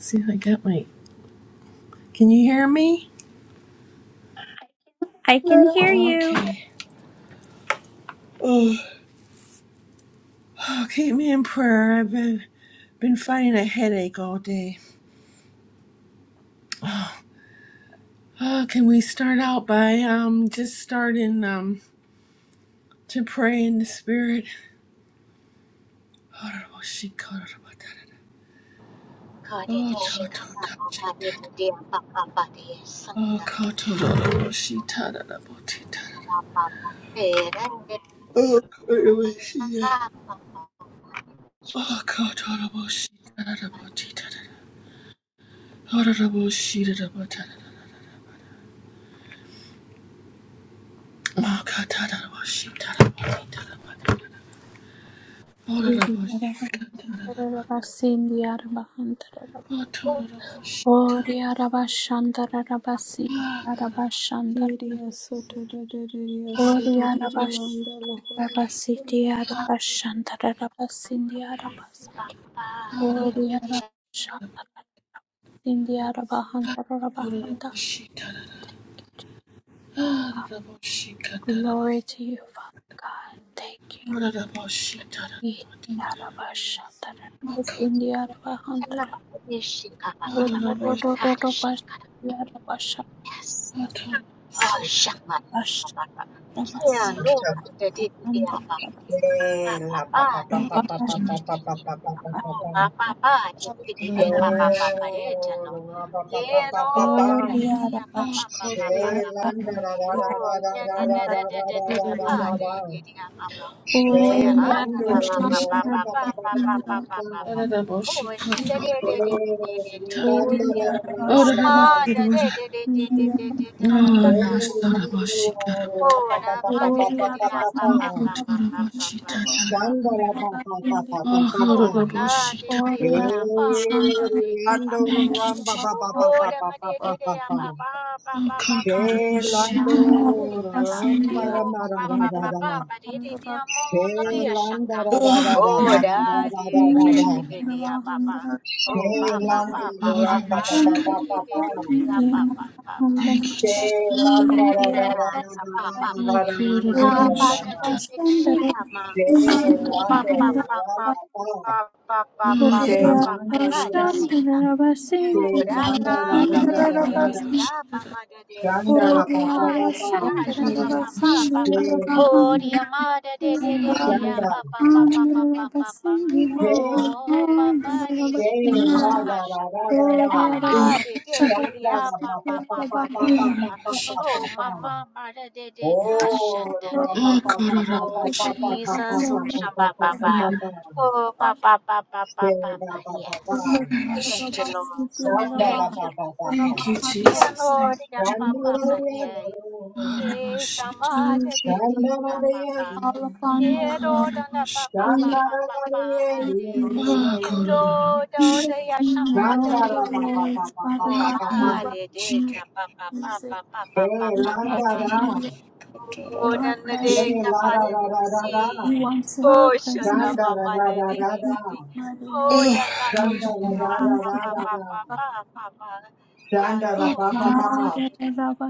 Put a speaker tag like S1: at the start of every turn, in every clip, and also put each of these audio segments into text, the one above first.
S1: See if I got my. Can you hear me?
S2: I can hear you.
S1: Okay. Oh, oh keep me in prayer. I've been been fighting a headache all day. Oh, can we start out by um just starting um to pray in the spirit? Oh, Oh,
S3: Kadidi
S1: to to
S3: shika
S1: to
S3: papa padidi dia papa padi
S1: Oh,
S3: santa
S1: call to to ti ta
S3: papa perende
S1: Oh, call she
S3: papa
S1: Oh, call to to ti ta da. Oh, da da
S4: Good
S3: papa didi dia
S2: Glory to you, Father God. Thank you.
S3: shana kadidi shika papa papa had shika yes oh shama papa papa kia no
S5: Sopatela
S3: didi dia pa pa
S5: pa
S3: pa
S5: pa pa
S3: te
S5: pa pa
S3: te
S5: pa pa
S3: te
S5: pa
S3: te te
S5: pa
S3: te
S5: pa pa pa pa
S3: no
S5: pa.
S3: pa pa pa te te te te pa pa pa pa re chalo
S5: Shoro pa pa pa pa
S3: quiero
S5: pa pa.
S3: dame te
S2: India,
S3: te pa pa pa pa pa pa pa
S5: Shelanda ra ra ra
S3: oh
S5: ra
S3: te
S5: ra
S3: te
S5: ra
S3: te
S2: Andhra,
S3: te
S5: ra
S3: te
S5: ra
S3: te
S5: ra
S3: te
S5: ra ra
S3: te
S5: ra
S3: pa
S5: ra
S3: te
S5: ra.
S3: te te pa pa quiera pa
S5: Shelando
S3: pa pa pa pa
S2: Andhra,
S3: pa
S5: randa pa
S3: pa
S5: pa
S3: pa
S5: pa
S3: pa
S5: pa pa
S3: pa
S5: pa.
S3: pa pa oh shinde te te te te te te
S1: Oh,
S3: te te
S5: Shelanda
S3: te
S5: ra ra ra
S1: Oh,
S5: ra
S3: oh
S1: that
S5: ra
S1: I wish
S5: ra.
S3: ma
S1: it
S3: te te
S1: was.
S3: te te te te te te ta
S1: Oh,
S3: ta ta ta
S1: yes,
S5: Shelando
S1: Tarabashi Karamata.
S5: ra
S3: oh
S5: pa pa
S3: ra
S5: pa pa
S3: ma te
S5: pa
S3: te
S5: pa
S3: te
S5: pa pa
S3: pa
S5: pa.
S1: Oh,
S3: pa pa
S1: God,
S3: pa pa pa
S1: Tarabashi
S3: pa
S1: Tatara.
S3: pa
S5: Shandala pa pa pa pa pa
S1: Oh,
S5: pa
S1: God,
S5: pa.
S3: Oh, na
S1: Tarabashi
S3: de de de
S1: Tatara.
S3: ya ba ma da de ka
S5: Lando
S3: ba ba.
S1: Thank you,
S5: Ramba
S1: Jesus.
S5: ba ba ba
S3: Oh,
S5: ba
S3: da
S5: ba
S3: ma
S5: ba
S3: de
S5: ba
S3: de de
S5: ba
S3: ya
S5: ba.
S3: ba ba ba
S1: Oh,
S3: ba ba
S1: God,
S3: ba de
S5: She
S3: de de
S1: Tarabashi
S3: ya
S5: Lando
S3: ba de
S1: Tatara.
S3: de da da.
S5: Ramba ra
S3: Oh,
S5: ma ra
S3: ba
S5: ra
S3: ba
S5: ra
S3: ba
S5: ra.
S3: ba ba de de de ya
S5: She
S3: mo no de ya
S5: Lando
S3: shanga.
S5: ra ra
S1: Oh,
S5: ra ra
S3: Oh,
S5: ra
S1: Tarabashi
S5: ra ra ra
S3: da
S5: ra
S3: de
S5: ra
S3: ke
S5: ra.
S3: de de de ya ba ba.
S5: She
S3: Oh, ba ba
S5: Lando
S3: ba ba ba
S5: Ramba
S3: ba
S5: ba ba
S3: de
S1: Katara.
S5: ba
S3: de
S5: ba
S3: de
S5: ba.
S3: de de ya ba ba ba ba.
S1: Thank you,
S5: She
S1: Jesus.
S5: Lando ra
S3: Oh,
S5: ra ra
S3: ya
S5: ra
S3: sa ba ba
S5: ra
S3: ba
S1: Oh,
S5: ra ra ra ra
S1: God,
S3: de.
S5: ra ra
S3: Ka
S5: ra
S3: ba
S5: ra
S1: Tarabashi
S3: da de
S1: Tatara.
S5: ra.
S3: de shi ka ma pa
S5: Lando
S3: pa pa
S5: ra
S3: pa
S5: ba
S3: pa
S5: ba.
S3: pa pa pa
S1: Oh, God, Tarabashi Tatara.
S3: pa
S1: Oh,
S3: pa
S5: She
S3: pa
S5: Lando ra
S3: pa de
S5: ra.
S3: sika.
S5: She
S3: Ora
S5: Lando ra
S3: na
S5: ra
S3: da
S1: God, Tarabashi Tatara. Oh, God, Tarabashi Tatara. Oh, God,
S5: ra
S3: de de
S5: ra
S3: de
S2: Hallelujah.
S5: ra
S3: de
S5: ra.
S1: Tarabashi
S3: de
S1: Tatara.
S3: da pa ma de de
S5: Shanda la
S3: ha
S2: Thank
S5: pa pa
S3: ma
S5: pa
S3: de
S5: pa,
S3: de ha sha pa pa pa pa
S5: she
S3: pa.
S5: pa pa.
S3: Hori ma da de de de de ya
S5: Shanda,
S3: pa pa pa pa pa pa pa pa. Ho
S5: she,
S3: ho pa pa de
S5: she la
S3: sikina
S5: da
S3: ha
S5: da
S3: sha.
S5: da da da.
S3: Ha ma de de de de
S5: Shanda
S3: ya
S5: la
S3: pa
S5: pa
S3: pa
S5: pa pa
S3: pa
S5: pa
S3: pa de
S5: pa
S3: ya
S5: pa
S3: da pa.
S5: pa pa pa
S3: Oh
S5: pa pa.
S3: ma ma, ma, da de de ka sha
S5: Oh,
S3: da
S5: la
S3: de.
S5: pa pa pa pa pa
S3: Oh,
S5: pa pa pa pa pa pa
S3: Jesus. Oh,
S5: pa pa
S3: shamba
S1: Oh,
S5: pa pa
S3: baba.
S1: God,
S5: pa.
S3: Oh, baba, baba,
S5: She
S3: baba,
S5: pa pa pa pa.
S3: yes. Thank you,
S1: Tatara.
S3: Lord.
S5: Shanda la
S3: Thank
S5: pa
S3: you.
S5: pa pa pa.
S1: Thank you,
S3: Kia
S1: Jesus.
S3: Lord,
S1: Thank
S3: da
S5: Shanda
S3: papa
S5: la ya
S3: parie.
S1: you.
S5: lo.
S3: Ke
S1: Arabashita.
S3: shama de de
S2: you.
S3: te
S5: Shanda
S3: ka
S5: la ya
S3: papa.
S5: ye.
S2: call upon you,
S1: Oh,
S2: Lord.
S3: Ero da na
S1: Kororabash.
S3: papa
S2: We
S5: Shanda
S3: papa
S5: la ya
S3: papa
S5: ye
S3: hade.
S2: praise
S5: ye
S2: you.
S1: Oh,
S5: ye
S3: Kendo da
S2: King
S1: Kororabash.
S3: da
S2: of
S3: ya
S2: King and
S3: shama de
S5: Randa
S2: Lord
S3: de.
S5: ra
S2: of
S5: ba ba ba ba
S2: Lords,
S5: ba
S2: Father
S5: ba
S3: Oh,
S1: Oh,
S2: God,
S5: ba
S2: we
S5: ba.
S3: ba
S2: welcome
S3: de de
S2: you,
S1: Kororabash.
S3: ka papa
S2: Jesus.
S3: papa
S5: She
S3: papa papa
S1: Oh,
S5: landa ra.
S3: papa Oh,
S2: Your
S3: dana
S5: She
S3: de
S1: Kororabash.
S2: presence,
S5: la
S3: capa
S5: ra
S3: de
S5: ra
S3: de
S5: ra ra ra.
S3: si.
S2: you want your
S3: Oh, shana
S2: presence,
S5: Shanda ra
S3: mama
S5: ra
S3: de
S5: ra
S3: de
S5: ra
S3: de
S2: in
S3: de
S5: ra.
S2: Jesus'
S3: de.
S2: mighty
S3: Oh,
S2: name.
S1: Oh,
S3: dana de
S5: Shanda ra
S1: Elohim.
S5: ra
S3: shana
S5: ra
S2: Thank
S3: pa
S2: you,
S5: ra
S3: pa
S5: ra
S2: Father
S3: pa
S5: ra.
S3: pa pa pa pa.
S5: Shanda ra
S1: Oh,
S5: ba
S3: Yano
S5: ba
S3: de
S1: Koror-
S5: ba.
S2: God.
S3: si.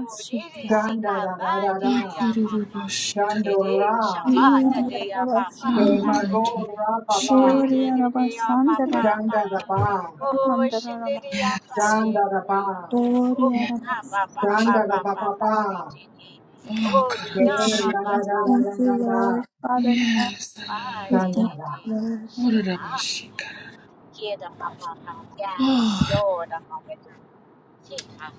S3: Oh, de de si
S5: Shanda ra
S3: kamba
S5: ra ra ra.
S3: de
S1: oh,
S3: de ya pa pa.
S1: Kororabash.
S3: De
S5: Shando
S3: de
S5: ra.
S3: shama de
S2: Yudi
S3: de ya pa pa
S5: She
S2: Arabasan.
S3: pa
S1: Oh,
S5: ma
S3: pa
S5: go
S3: de.
S5: ra ba
S3: De
S1: Kororabash.
S5: ba.
S3: de
S2: Ori
S3: de de ya
S2: Arabasan.
S3: pa pa pa.
S5: Shanda ra ba.
S3: Oh, shin de
S2: Darabasandarabat.
S3: de ya pa
S1: Yes.
S3: de
S5: Shanda ra
S3: de.
S5: ba.
S2: Ori
S3: Oh,
S1: Yes.
S3: na pa
S2: Arabasan.
S3: pa pa
S5: Shanda ra
S3: pa
S5: ba
S3: pa
S5: ba
S3: pa
S5: ba.
S3: de de. de.
S1: Oh,
S3: Oh,
S5: She
S3: di na
S1: Kororabash.
S3: ma
S2: Jesus.
S5: la ra
S3: ba
S5: ra ra
S2: Thank
S5: ra
S2: you,
S5: ra ra.
S2: Lord. Father God,
S1: Yes.
S2: we
S3: di
S5: Shanda
S2: thank
S3: di
S5: ra.
S3: di.
S2: you,
S3: Tjena!
S1: Kororabash. Koror-
S3: Heda
S2: Lord.
S3: ma ba ba. Yes,
S1: Oh,
S3: yo da ma ba du.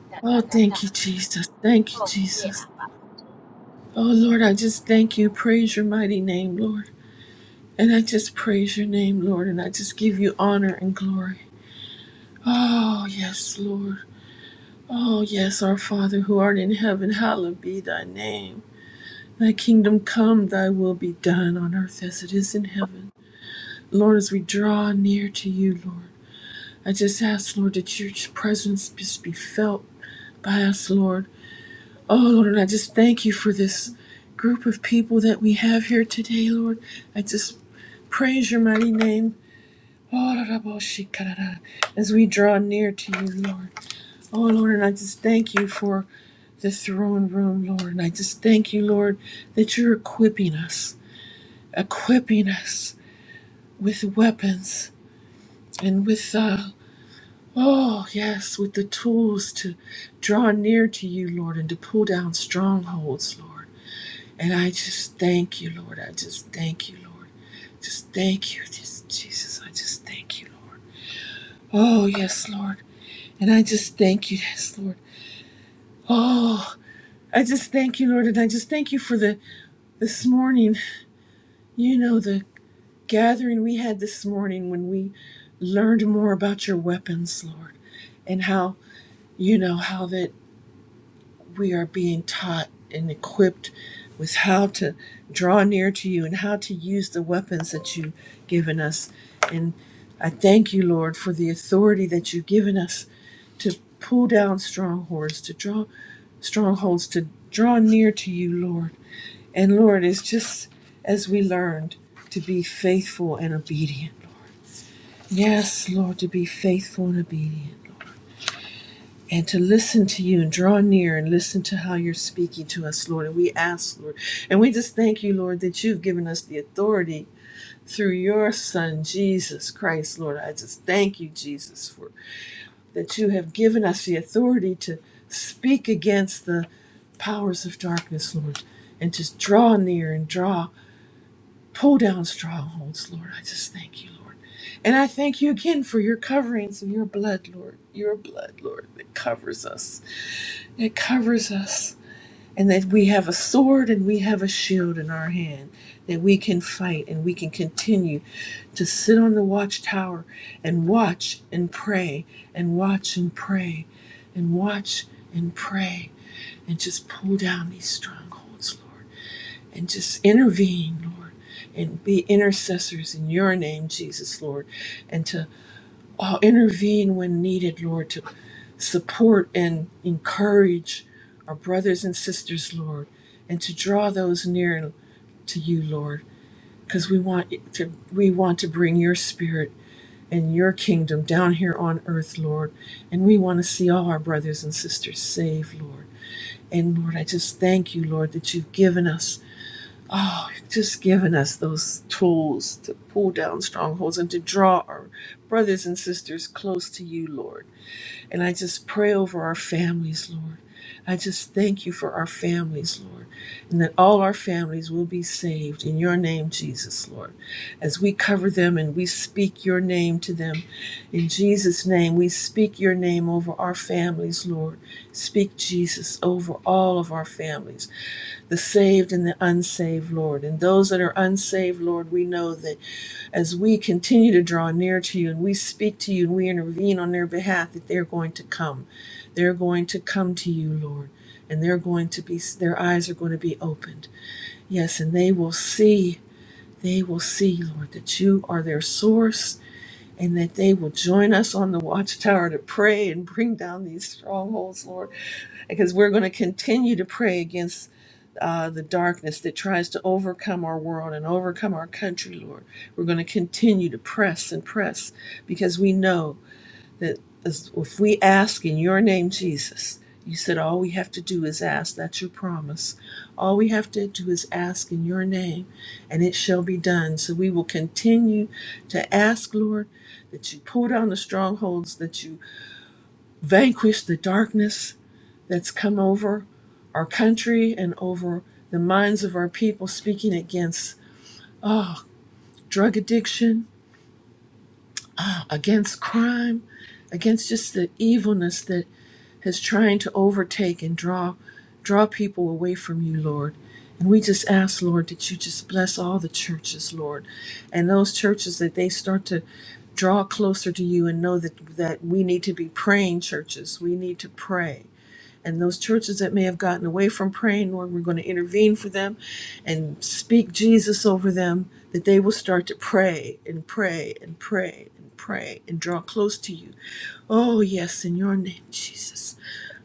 S3: da
S1: oh,
S3: da da da.
S1: thank you, Jesus. Thank you,
S3: Oh,
S1: Jesus.
S3: heda ma ba du.
S1: Oh, Lord, I just thank you. Praise your mighty name, Lord. And I just praise your name, Lord. And I just give you honor and glory. Oh, yes, Lord. Oh, yes, our Father who art in heaven, hallowed be thy name. Thy kingdom come, thy will be done on earth as it is in heaven. Lord, as we draw near to you, Lord, I just ask, Lord, that your presence just be felt by us, Lord. Oh, Lord, and I just thank you for this group of people that we have here today, Lord. I just Praise your mighty name. As we draw near to you, Lord. Oh, Lord, and I just thank you for the throne room, Lord. And I just thank you, Lord, that you're equipping us, equipping us with weapons and with, uh, oh, yes, with the tools to draw near to you, Lord, and to pull down strongholds, Lord. And I just thank you, Lord. I just thank you, Lord. Just thank you, just, Jesus. I just thank you, Lord. Oh, yes, Lord. And I just thank you, yes, Lord. Oh, I just thank you, Lord, and I just thank you for the this morning. You know the gathering we had this morning when we learned more about your weapons, Lord, and how you know how that. we are being taught and equipped with how to draw near to you and how to use the weapons that you've given us. And I thank you, Lord, for the authority that you've given us to pull down strongholds, to draw strongholds, to draw near to you, Lord. And Lord, it's just as we learned to be faithful and obedient. Yes, Lord, to be faithful and obedient and to listen to you and draw near and listen to how you're speaking to us, Lord. And we ask, Lord, and we just thank you, Lord, that you've given us the authority through your Son, Jesus Christ, Lord. I just thank you, Jesus, for that you have given us the authority to speak against the powers of darkness, Lord, and to draw near and draw, pull down strongholds, Lord. I just thank you, Lord. And I thank you again for your coverings and your blood, Lord, your blood, Lord, that covers us it covers us, and that we have a sword and we have a shield in our hand, that we can fight and we can continue to sit on the watchtower and watch and pray and watch and pray and watch and pray and just pull down these strongholds, Lord, and just intervene, Lord, and be intercessors in your name, Jesus, Lord, and to uh, intervene when needed, Lord, to support and encourage our brothers and sisters, Lord, and to draw those near to you, Lord, because we want it to we want to bring your spirit and your kingdom down here on earth, Lord, and we want to see all our brothers and sisters saved, Lord. And Lord, I just thank you, Lord, that you've given us, oh, you've just given us those tools to pull down strongholds and to draw our brothers and sisters close to you, Lord. And I just pray over our families, Lord. I just thank you for our families, Lord, and that all our families will be saved in your name, Jesus, Lord. As we cover them and we speak your name to them, in Jesus' name, we speak your name over our families, Lord. Speak Jesus over all of our families, the saved and the unsaved, Lord. And those that are unsaved, Lord, we know that as we continue to draw near to you and we speak to you and we intervene on their behalf that they're going to come they're going to come to you lord and they're going to be their eyes are going to be opened yes and they will see they will see lord that you are their source and that they will join us on the watchtower to pray and bring down these strongholds, Lord, because we're going to continue to pray against uh, the darkness that tries to overcome our world and overcome our country, Lord. We're going to continue to press and press because we know that if we ask in your name, Jesus, you said all we have to do is ask. That's your promise. All we have to do is ask in your name, and it shall be done. So we will continue to ask, Lord, that you pull down the strongholds, that you vanquish the darkness that's come over our country and over the minds of our people, speaking against oh, drug addiction, ah, against crime, against just the evilness that. has trying to overtake and draw draw people away from you, Lord. And we just ask, Lord, that you just bless all the churches, Lord. And those churches that they start to draw closer to you and know that that we need to be praying churches. We need to pray. And those churches that may have gotten away from praying, Lord, we're going to intervene for them and speak Jesus over them, that they will start to pray and pray and pray and pray and draw close to you. Oh, yes, in your name, Jesus.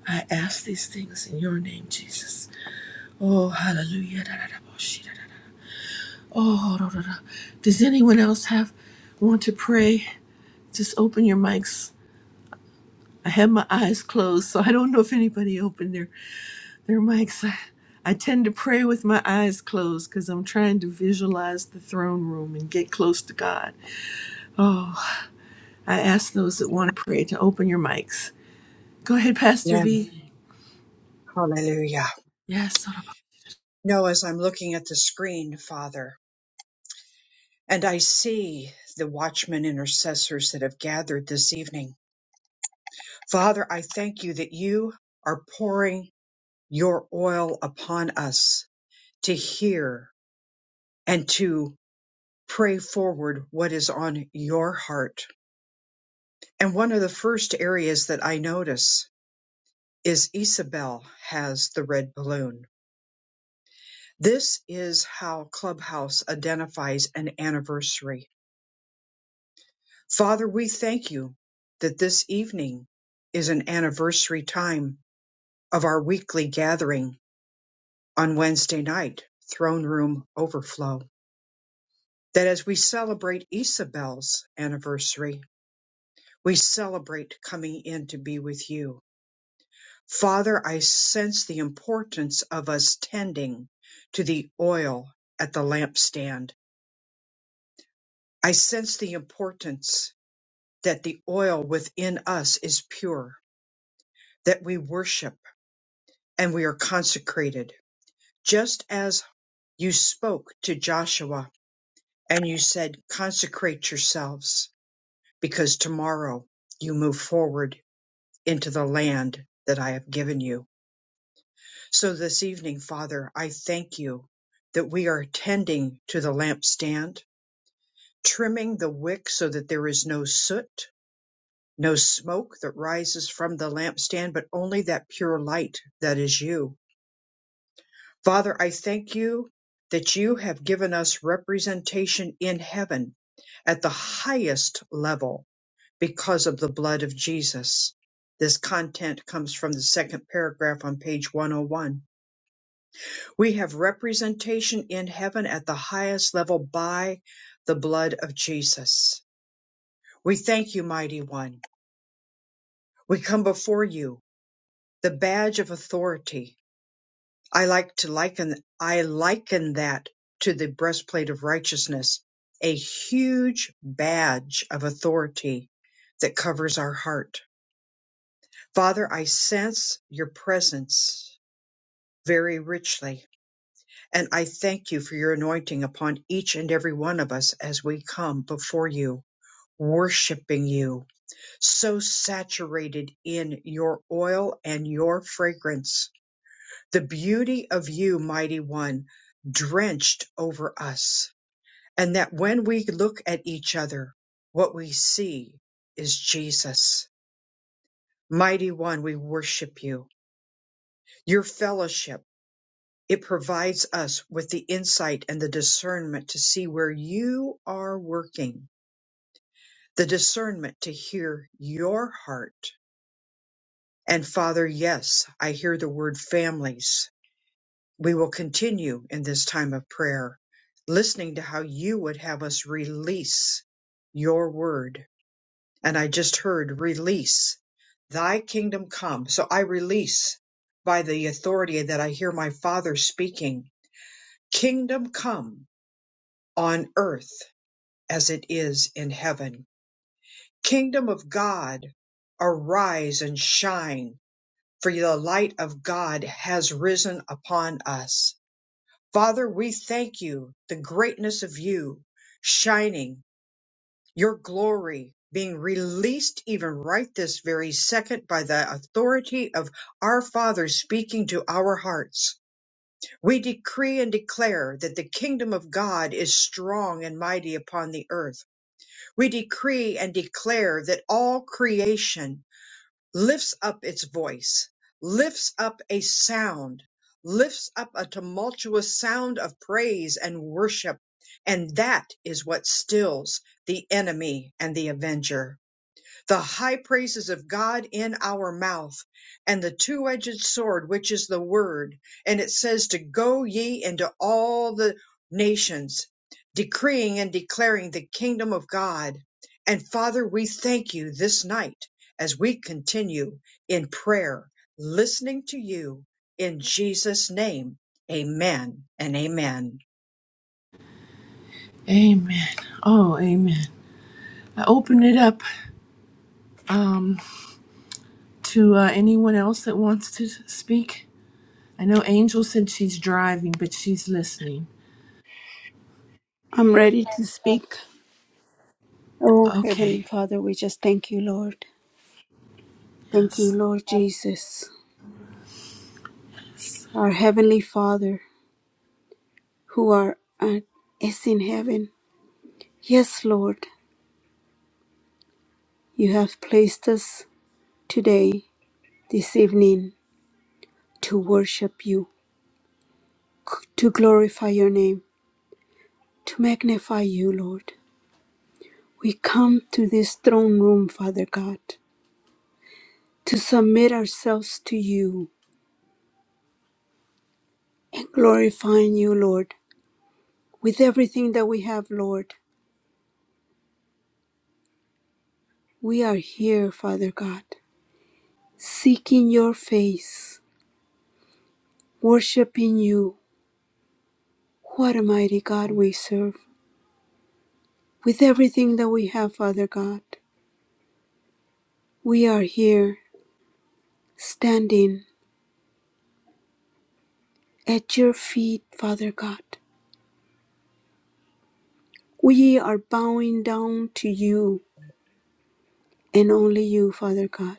S1: I ask these things in your name, Jesus. Oh, hallelujah. Oh, does anyone else have want to pray? Just open your mics. I had my eyes closed, so I don't know if anybody opened their, their mics. I, I tend to pray with my eyes closed because I'm trying to visualize the throne room and get close to God. Oh, I ask those that want to pray to open your mics. Go ahead, Pastor
S5: Amen.
S1: V.
S5: Hallelujah.
S1: Yes.
S5: No, as I'm looking at the screen, Father, and I see the watchmen intercessors that have gathered this evening. Father, I thank you that you are pouring your oil upon us to hear and to pray forward what is on your heart. And one of the first areas that I notice is Isabel has the red balloon. This is how Clubhouse identifies an anniversary Father, we thank you that this evening is an anniversary time of our weekly gathering on Wednesday night, Throne Room Overflow. That as we celebrate Isabel's anniversary, we celebrate coming in to be with you. Father, I sense the importance of us tending to the oil at the lampstand. I sense the importance that the oil within us is pure, that we worship and we are consecrated. Just as you spoke to Joshua and you said, consecrate yourselves because tomorrow you move forward into the land that I have given you. So this evening, Father, I thank you that we are tending to the lampstand, trimming the wick so that there is no soot, no smoke that rises from the lampstand, but only that pure light that is you Father, I thank you that you have given us representation in heaven at the highest level because of the blood of Jesus. This content comes from the second paragraph on page 101. We have representation in heaven at the highest level by the blood of Jesus. We thank you, mighty one. We come before you, the badge of authority, I like to liken I liken that to the breastplate of righteousness, a huge badge of authority that covers our heart. Father, I sense your presence very richly, and I thank you for your anointing upon each and every one of us as we come before you, worshiping you, so saturated in your oil and your fragrance the beauty of you, mighty one, drenched over us, and that when we look at each other, what we see is Jesus. Mighty one, we worship you. Your fellowship, it provides us with the insight and the discernment to see where you are working, the discernment to hear your heart. And Father, yes, I hear the word families we will continue in this time of prayer, listening to how you would have us release your word. And I just heard release thy kingdom come. So I release by the authority that I hear my father speaking, kingdom come on earth as it is in heaven. Kingdom of God, arise and shine for the light of God has risen upon us Father, we thank you, the greatness of you shining, your glory being released even right this very second by the authority of our Father speaking to our hearts. We decree and declare that the kingdom of God is strong and mighty upon the earth. We decree and declare that all creation lifts up its voice, lifts up a sound, lifts up a tumultuous sound of praise and worship. And that is what stills the enemy and the avenger the high praises of God in our mouth and the two-edged sword, which is the word. And it says to go ye into all the nations, decreeing and declaring the kingdom of God. And Father, we thank you this night as we continue in prayer, listening to you in Jesus' name. Amen and amen.
S1: Amen. Oh, amen. I open it up um, to uh, anyone else that wants to speak. I know Angel said she's driving, but she's listening.
S2: I'm ready to speak. Oh, Heavenly
S1: Okay.
S2: Father, we just thank you, Lord. Thank you,
S1: Yes.
S2: Lord Jesus.
S1: Yes.
S2: Our Heavenly Father, who are at, is in heaven. Yes, Lord, you have placed us today, this evening, to worship you, c- to glorify your name, to magnify you, Lord. We come to this throne room, Father God, to submit ourselves to you and glorifying you, Lord, with everything that we have, Lord. We are here, Father God, seeking your face, worshiping you. What a mighty God we serve. With everything that we have, Father God, we are here standing at your feet, Father God. We are bowing down to you and only you, Father God.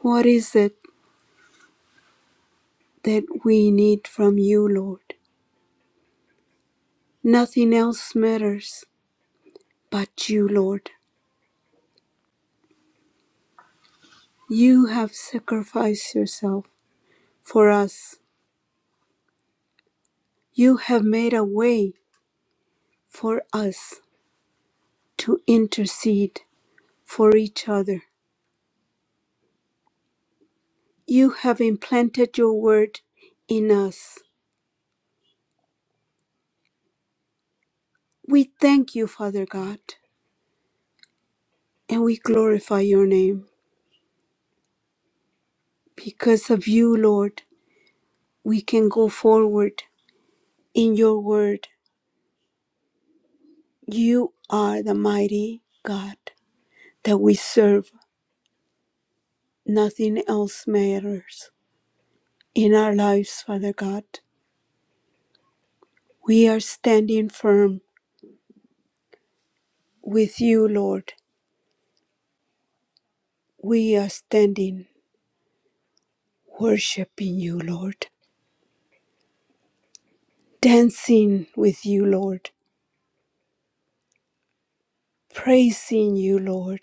S2: What is it that we need from you, Lord? Nothing else matters but you, Lord. You have sacrificed yourself for us You have made a way for us to intercede for each other. You have implanted your word in us. We thank you, Father God, and we glorify your name. Because of you, Lord, we can go forward in your word. You are the mighty God that we serve. Nothing else matters in our lives, Father God. We are standing firm with you, Lord We are standing, worshiping you, Lord, dancing with you, Lord, praising you, Lord.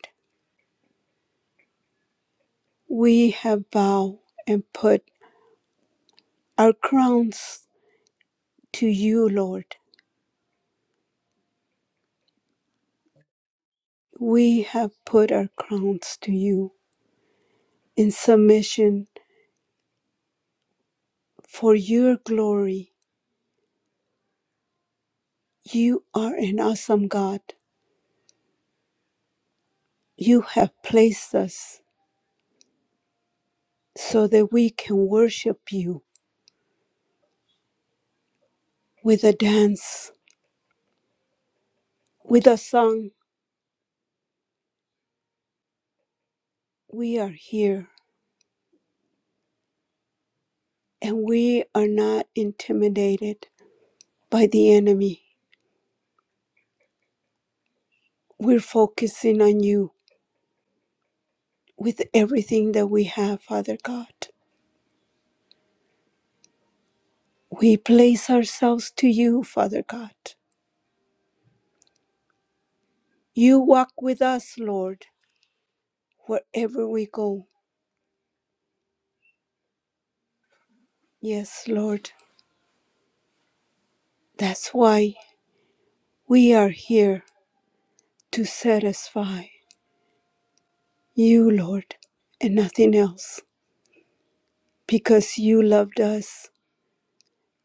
S2: We have bowed and put our crowns to you, Lord. We have put our crowns to you in submission for your glory. You are an awesome God. You have placed us so that we can worship you with a dance, with a song. We are here and we are not intimidated by the enemy. We're focusing on you with everything that we have, Father God. We place ourselves to you, Father God. You walk with us, Lord, wherever we go. Yes, Lord, that's why we are here to satisfy you, Lord, and nothing else, because you loved us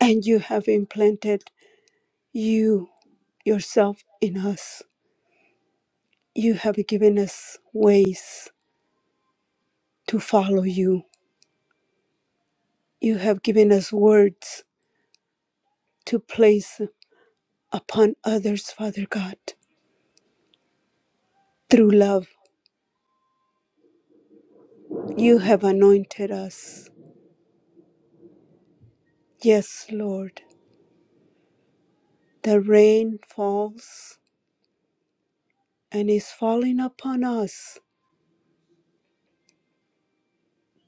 S2: and you have implanted you yourself in us. You have given us ways to follow you. You have given us words to place upon others, Father God, through love. You have anointed us. Yes, Lord, the rain falls and is falling upon us.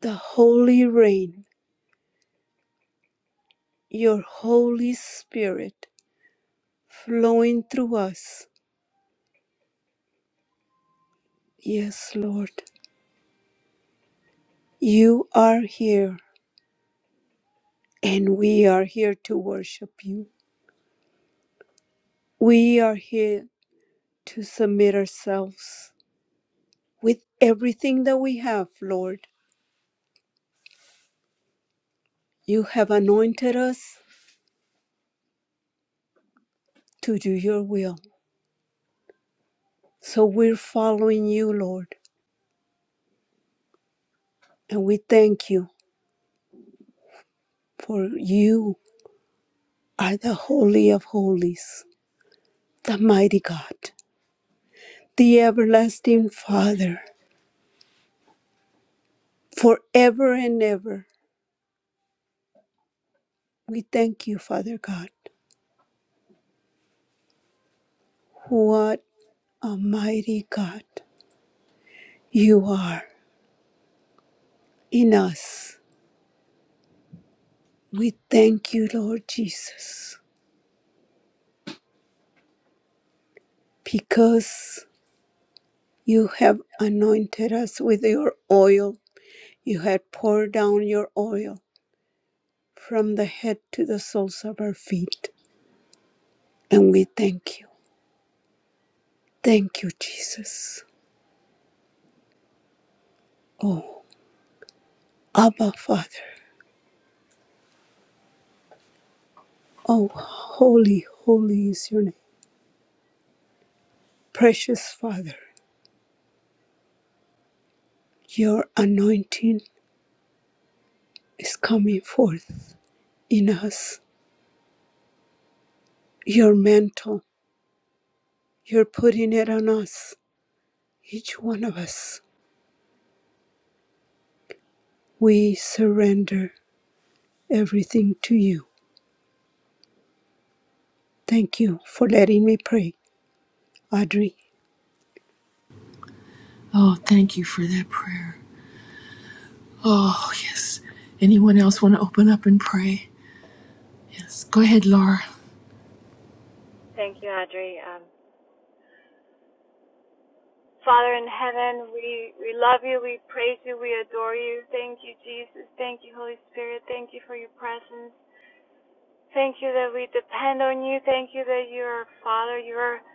S2: The holy rain, your Holy Spirit flowing through us. Yes, Lord, you are here and we are here to worship you. We are here to submit ourselves with everything that we have, Lord. You have anointed us to do your will. So we're following you, Lord. And we thank you for you are the Holy of Holies, the mighty God, the everlasting Father, forever and ever. We thank you, Father God. What a mighty God you are in us We thank you, Lord Jesus, because you have anointed us with your oil. You had poured down your oil from the head to the soles of our feet. And we thank you. Thank you, Jesus. Oh, Abba, Father. Oh, holy, holy is your name. Precious Father, your anointing is coming forth in us. Your mantle, you're putting it on us, each one of us We surrender everything to you. Thank you for letting me pray, Audrey.
S1: Oh, thank you for that prayer. Oh, yes. Anyone else want to open up and pray? Yes. Go ahead, Laura.
S6: Thank you, Audrey. Um, Father in heaven, we, we love you, we praise you, we adore you. Thank you, Jesus. Thank you, Holy Spirit. Thank you for your presence. Thank you that we depend on you. Thank you that you're our Father. You're,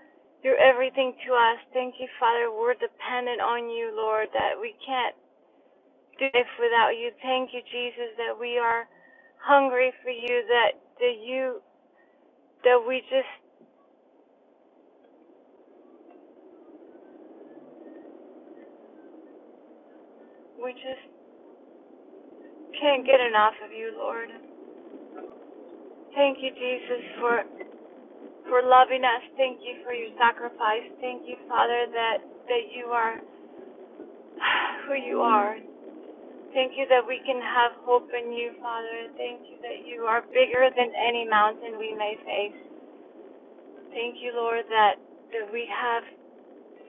S6: you're everything to us. Thank you, Father. We're dependent on you, Lord, that we can't do life without you. Thank you, Jesus, that we are hungry for you, that, that you, that we just, we just can't get enough of you, Lord. Thank you, Jesus, for for loving us. Thank you for your sacrifice. Thank you, Father, that, that you are who you are. Thank you that we can have hope in you, Father. Thank you that you are bigger than any mountain we may face. Thank you, Lord, that, that we have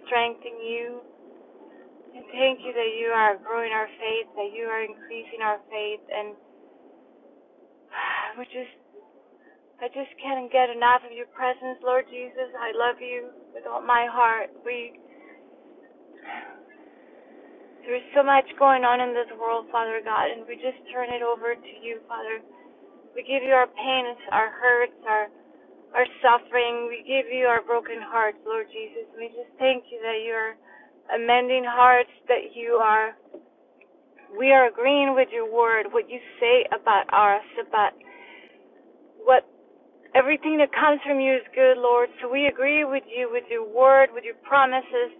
S6: strength in you. And thank you that you are growing our faith, that you are increasing our faith. And we just, I just can't get enough of your presence, Lord Jesus. I love you with all my heart. We There's so much going on in this world, Father God, and we just turn it over to you, Father. We give you our pains, our hurts, our our suffering. We give you our broken hearts, Lord Jesus. We just thank you that you're amending hearts, that you are we are agreeing with your word, what you say about us, about what everything that comes from you is good, Lord. So we agree with you, with your word, with your promises,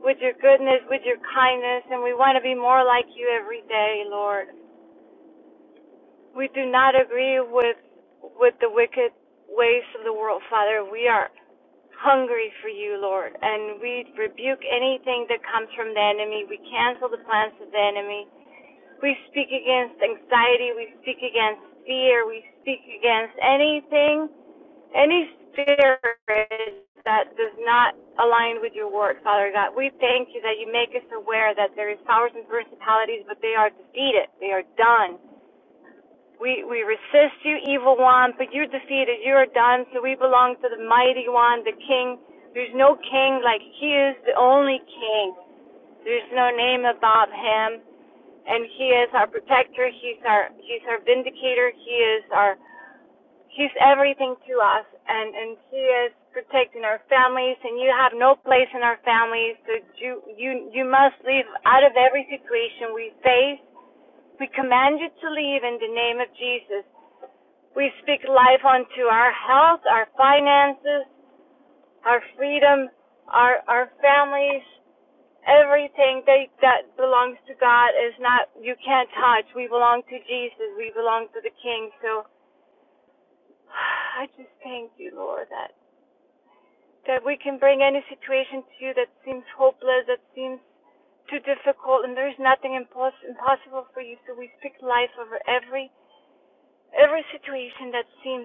S6: with your goodness, with your kindness, and we want to be more like you every day, Lord. We do not agree with with the wicked ways of the world, Father. We are hungry for you, Lord, and we rebuke anything that comes from the enemy. We cancel the plans of the enemy. We speak against anxiety. We speak against fear. We speak against anything, any spirit that does not align with your word, Father God. We thank you that you make us aware that there is powers and principalities, but they are defeated. They are done. We we resist you, evil one, but you're defeated. You are done. So we belong to the mighty one, the King. There's no king like He is the only King. There's no name above Him, and He is our protector. He's our He's our vindicator. He is our He's everything to us, and and He is protecting our families. And you have no place in our families. So you you you must leave out of every situation we face. We command you to leave in the name of Jesus. We speak life unto our health, our finances, our freedom, our our families, everything they, that belongs to God is not you can't touch. We belong to Jesus. We belong to the King. So I just thank you, Lord, that that we can bring any situation to you that seems hopeless, that seems too difficult, and there's nothing impos- impossible for you. So we speak life over every every situation that seems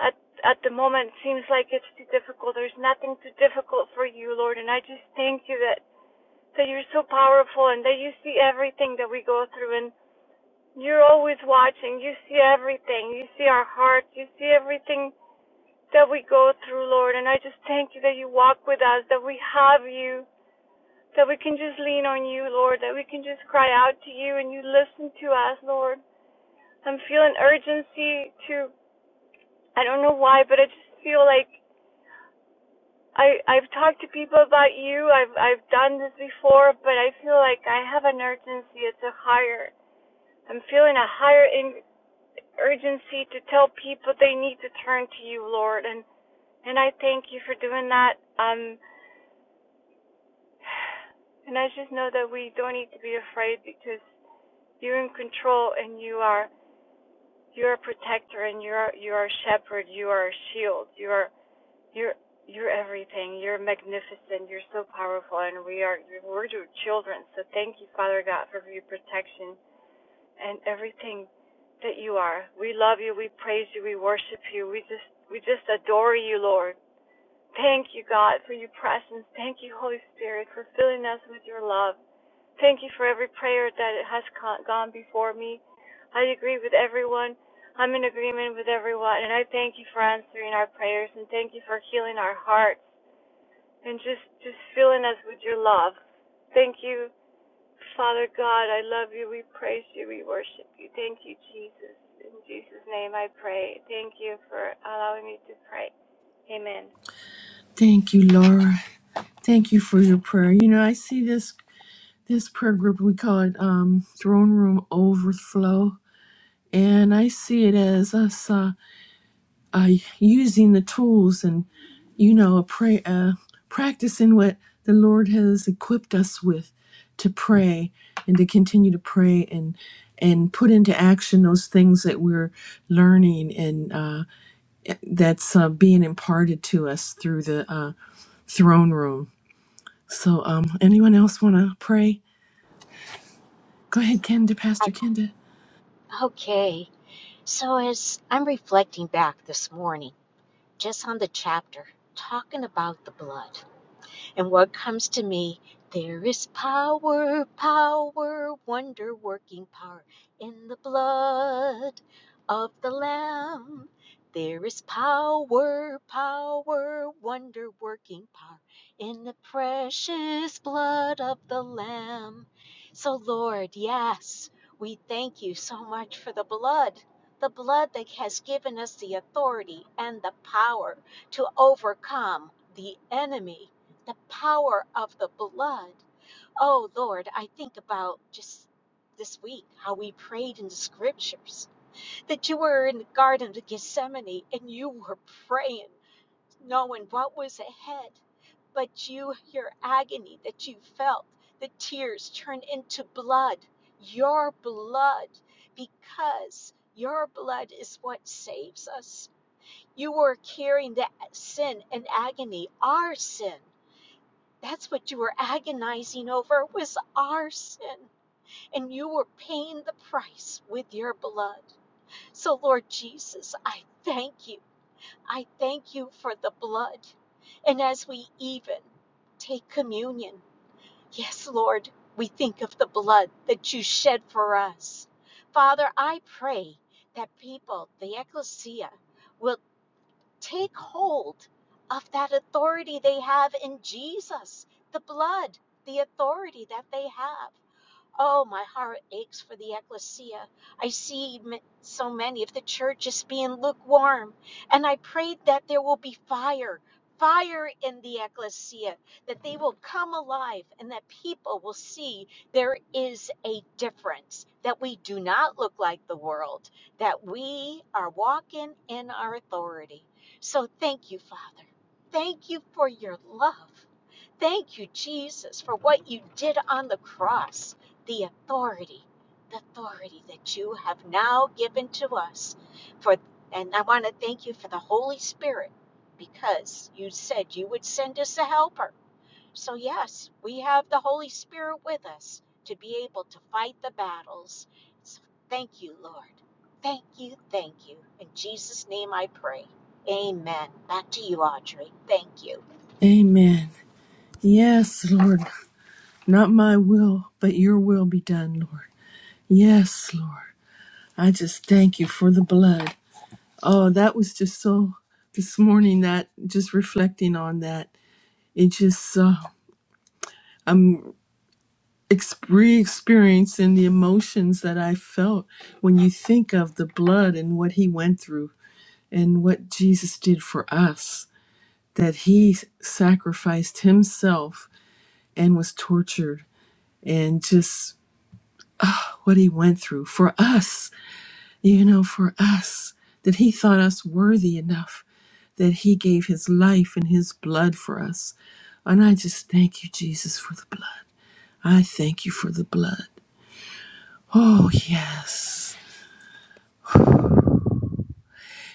S6: at at the moment seems like it's too difficult. There's nothing too difficult for you, Lord, and I just thank you that that you're so powerful and that you see everything that we go through and you're always watching. You see everything. You see our hearts. You see everything that we go through, Lord, and I just thank you that you walk with us, that we have you, that we can just lean on you, Lord, that we can just cry out to you and you listen to us, Lord. I'm feeling urgency to I don't know why, but I just feel like I I've talked to people about you. I've I've done this before, but I feel like I have an urgency. It's a higher. I'm feeling a higher in, urgency to tell people they need to turn to you, Lord, and and I thank you for doing that. Um, and I just know that we don't need to be afraid because you're in control and you are you are a protector and you are you are a shepherd. You are a shield. You are You're you're everything. You're magnificent. You're so powerful, and we are we're your children. So thank you, Father God, for your protection and everything that you are. We love you. We praise you. We worship you. We just we just adore you, Lord. Thank you, God, for your presence. Thank you, Holy Spirit, for filling us with your love. Thank you for every prayer that has gone before me. I agree with everyone. I'm in agreement with everyone, and I thank you for answering our prayers and thank you for healing our hearts and just just filling us with your love. Thank you, Father God. I love you. We praise you. We worship you. Thank you, Jesus. In Jesus' name I pray. Thank you for allowing me to pray. Amen.
S1: Thank you, Laura. Thank you for your prayer. You know, I see this this prayer group we call it um throne room overflow and i see it as us uh, using the tools and you know a pray uh, practicing what the lord has equipped us with to pray and to continue to pray and and put into action those things that we're learning and uh, that's uh, being imparted to us through the uh, throne room so um, anyone else want to pray go ahead kenda pastor
S3: I-
S1: kenda
S3: Okay, so as I'm reflecting back this morning, just on the chapter, talking about the blood. And what comes to me? There is power, power, wonder working power in the blood of the Lamb. There is power, power, wonder working power in the precious blood of the Lamb. So, Lord, yes, we thank you so much for the blood, the blood that has given us the authority and the power to overcome the enemy the power of the blood. Oh Lord, I think about just this week how we prayed in the scriptures that you were in the Garden of Gethsemane and you were praying, knowing what was ahead. But you, your agony that you felt, the tears turned into blood, your blood, because your blood is what saves us. You were carrying that sin and agony, our sin. That's what you were agonizing over was our sin, and you were paying the price with your blood. So, Lord Jesus, I thank you. I thank you for the blood. And as we even take communion, yes, Lord, we think of the blood that you shed for us. Father, I pray that people, the ecclesia, will Take hold of that authority they have in Jesus, the blood, the authority that they have. Oh, my heart aches for the ecclesia. I see so many of the church is being lukewarm, and I prayed that there will be fire, fire in the ecclesia, that they will come alive and that people will see there is a difference, that we do not look like the world, that we are walking in our authority. So thank you, Father. Thank you for your love. Thank you, Jesus, for what you did on the cross, the authority, the authority that you have now given to us. For and I want to thank you for the Holy Spirit because you said you would send us a helper. So yes, we have the Holy Spirit with us to be able to fight the battles. So thank you, Lord. Thank you, thank you. In Jesus' name I pray. Amen. Back to you, Audrey. Thank you.
S1: amen yes lord not my will but your will be done lord yes lord I just thank you for the blood. Oh, that was just so this morning that just reflecting on that, it just uh, ex- re experiencing the emotions that I felt when you think of the blood and what he went through and what Jesus did for us, that he sacrificed himself and was tortured and just what he went through for us you know, for us, that He thought us worthy enough, that He gave His life and His blood for us. And I just thank you, Jesus, for the blood. I thank you for the blood. Oh, yes.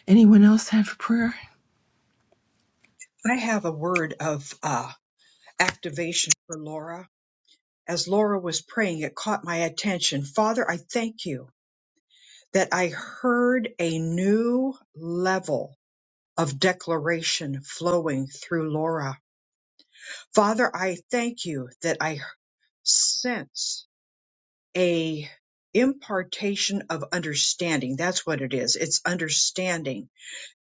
S1: Anyone else have a prayer?
S5: I have a word of uh, activation for Laura. as Laura was praying, it caught my attention. Father, I thank you that I heard a new level of declaration flowing through Laura. Father, I thank you that I sense a impartation of understanding. That's what it is. It's understanding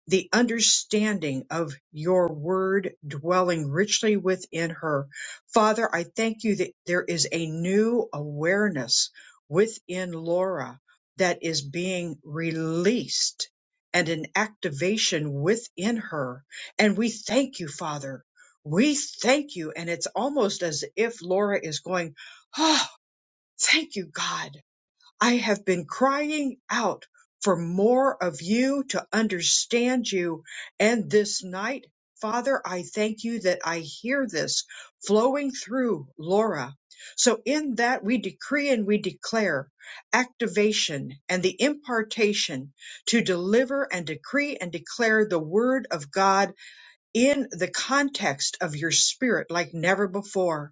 S5: the understanding of your word dwelling richly within her. Father, I thank you that there is a new awareness within Laura that is being released and an activation within her. And we thank you, Father. We thank you. And it's almost as if Laura is going, Oh, thank you, God I have been crying out for more of you to understand you. And this night, Father, I thank you that I hear this flowing through Laura. So in that we decree and we declare activation and the impartation to deliver and decree and declare the word of God in the context of your spirit like never before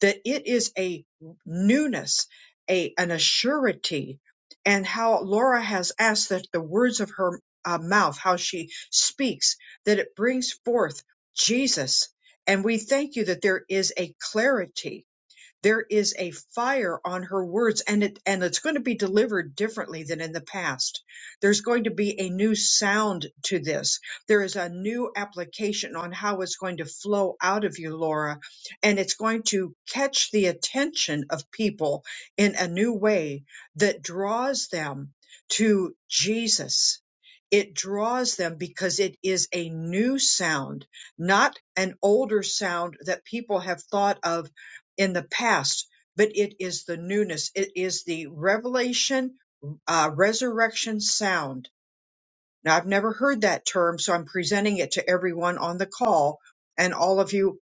S5: that it is a newness, a an assurity, and how Laura has asked that the words of her uh, mouth, how she speaks, that it brings forth Jesus. And we thank you that there is a clarity there is a fire on her words and it, and it's going to be delivered differently than in the past. There's going to be a new sound to this. There is a new application on how it's going to flow out of you, Laura, and it's going to catch the attention of people in a new way that draws them to Jesus it draws them because it is a new sound, not an older sound that people have thought of in the past, but it is the newness. It is the revelation, uh, resurrection sound. Now, I've never heard that term, so I'm presenting it to everyone on the call. And all of you,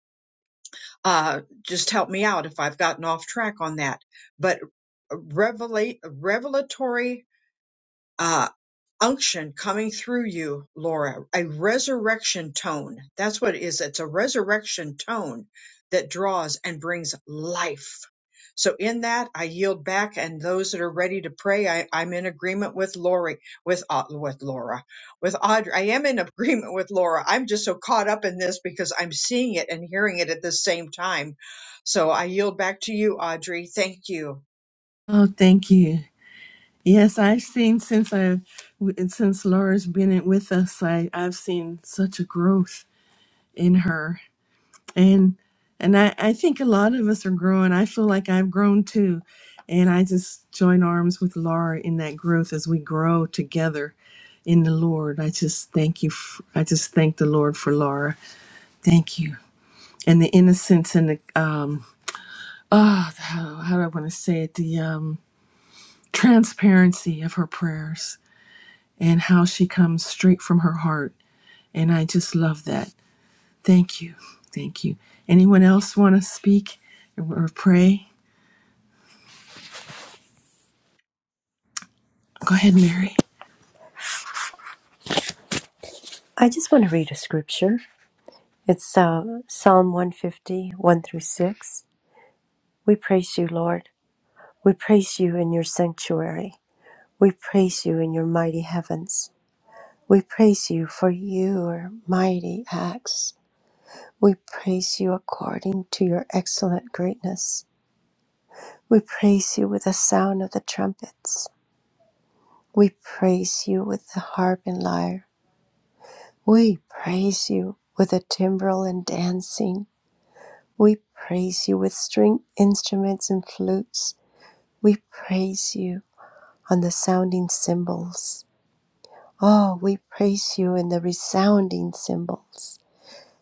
S5: uh, just help me out if I've gotten off track on that. But revelate, revelatory uh, unction coming through you, Laura, a resurrection tone. That's what it is. It's a resurrection tone that draws and brings life. So in that, I yield back, and those that are ready to pray, I, I'm in agreement with Lori, with Au- with Laura, with Audrey. I am in agreement with Laura. I'm just so caught up in this because I'm seeing it and hearing it at the same time. So I yield back to you, Audrey. Thank you.
S1: Oh, thank you. Yes, I've seen since I've since Laura's been in- with us, I, I've seen such a growth in her. and and I, I think a lot of us are growing. I feel like I've grown too, and I just join arms with Laura in that growth as we grow together in the Lord. I just thank you. f I I just thank the Lord for Laura. Thank you, and the innocence and the um oh how, how do I want to say it the um transparency of her prayers and how she comes straight from her heart, and I just love that. Thank you, thank you. Anyone else want to speak or pray? Go ahead, Mary.
S7: I just want to read a scripture. It's uh, Psalm one fifty, one through 6. We praise you, Lord. We praise you in your sanctuary. We praise you in your mighty heavens. We praise you for your mighty acts. We praise you according to your excellent greatness. We praise you with the sound of the trumpets. We praise you with the harp and lyre. We praise you with the timbrel and dancing. We praise you with string instruments and flutes. We praise you on the sounding cymbals. Oh, we praise you in the resounding cymbals.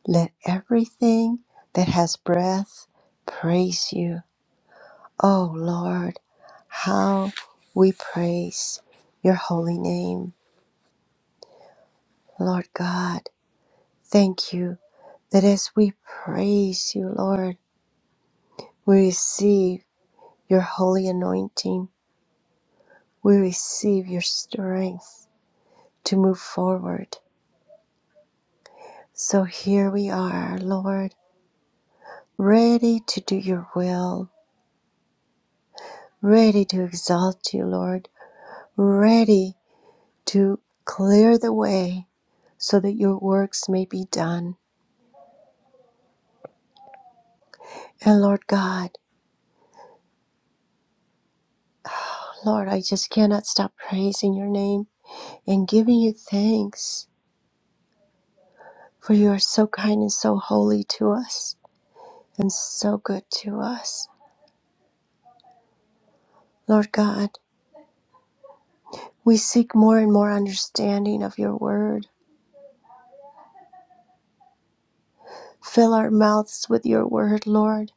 S7: Let everything that has breath praise you. Oh, Lord, how we praise your holy name. Lord God, thank you that as we praise you, Lord, we receive your holy anointing We receive your strength to move forward. So here we are, Lord, ready to do your will, ready to exalt you, Lord, ready to clear the way so that your works may be done. And Lord God, Lord, I just cannot stop praising your name and giving you thanks for you are so kind and so holy to us and so good to us. Lord God, We seek more and more understanding of your word. Fill our mouths with your word, Lord,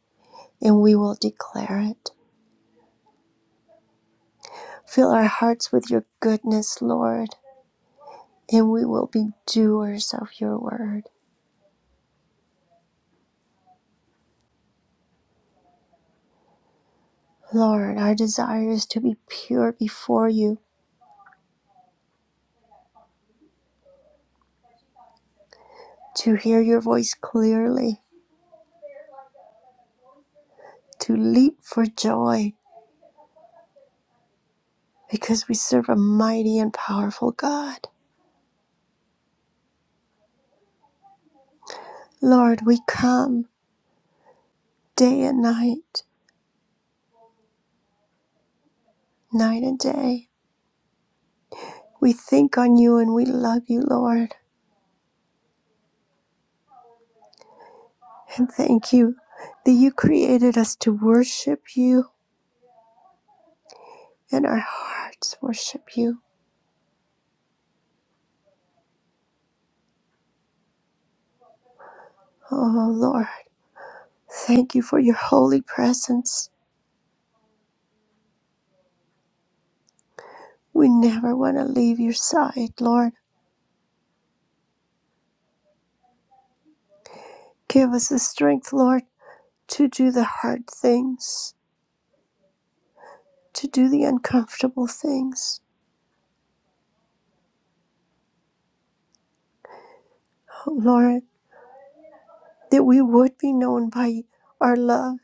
S7: and we will declare it. Fill our hearts with your goodness, Lord, and we will be doers of your word. Lord, our desire is to be pure before you, to hear your voice clearly, to leap for joy, because we serve a mighty and powerful God. Lord, we come day and night, night and day We think on you and we love you, Lord. And thank you that you created us to worship you and our hearts worship you. Oh, Lord, thank you for your holy presence. We never want to leave your side, Lord. Give us the strength, Lord, to do the hard things, to do the uncomfortable things. Oh, Lord, that we would be known by our love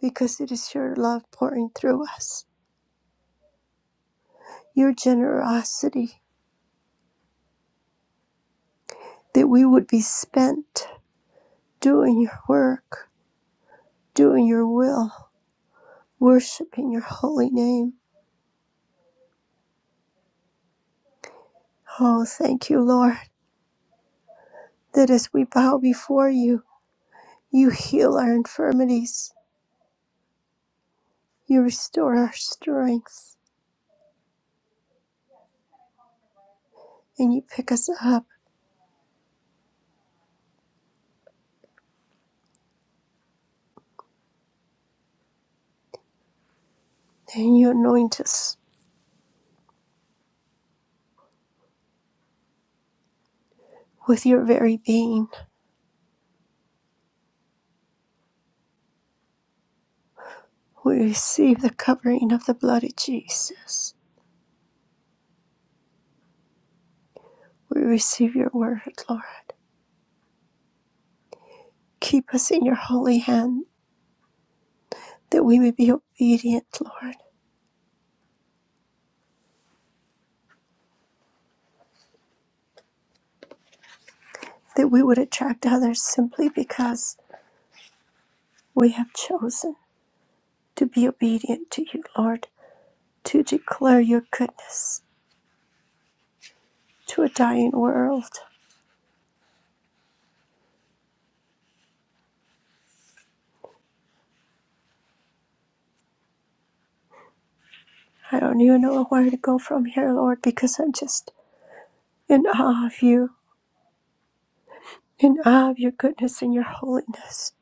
S7: because it is your love pouring through us, your generosity that we would be spent doing your work, doing your will, worshiping your holy name. Oh, thank you, Lord, that as we bow before you, you heal our infirmities, you restore our strength, and you pick us up and you anoint us with your very being. We receive the covering of the blood of Jesus. We receive your word, Lord. Keep us in your holy hand that we may be obedient, Lord that we would attract others simply because we have chosen to be obedient to you, Lord, to declare your goodness to a dying world. I don't even know where to go from here, Lord, because I'm just in awe of you, in awe of your goodness and your holiness.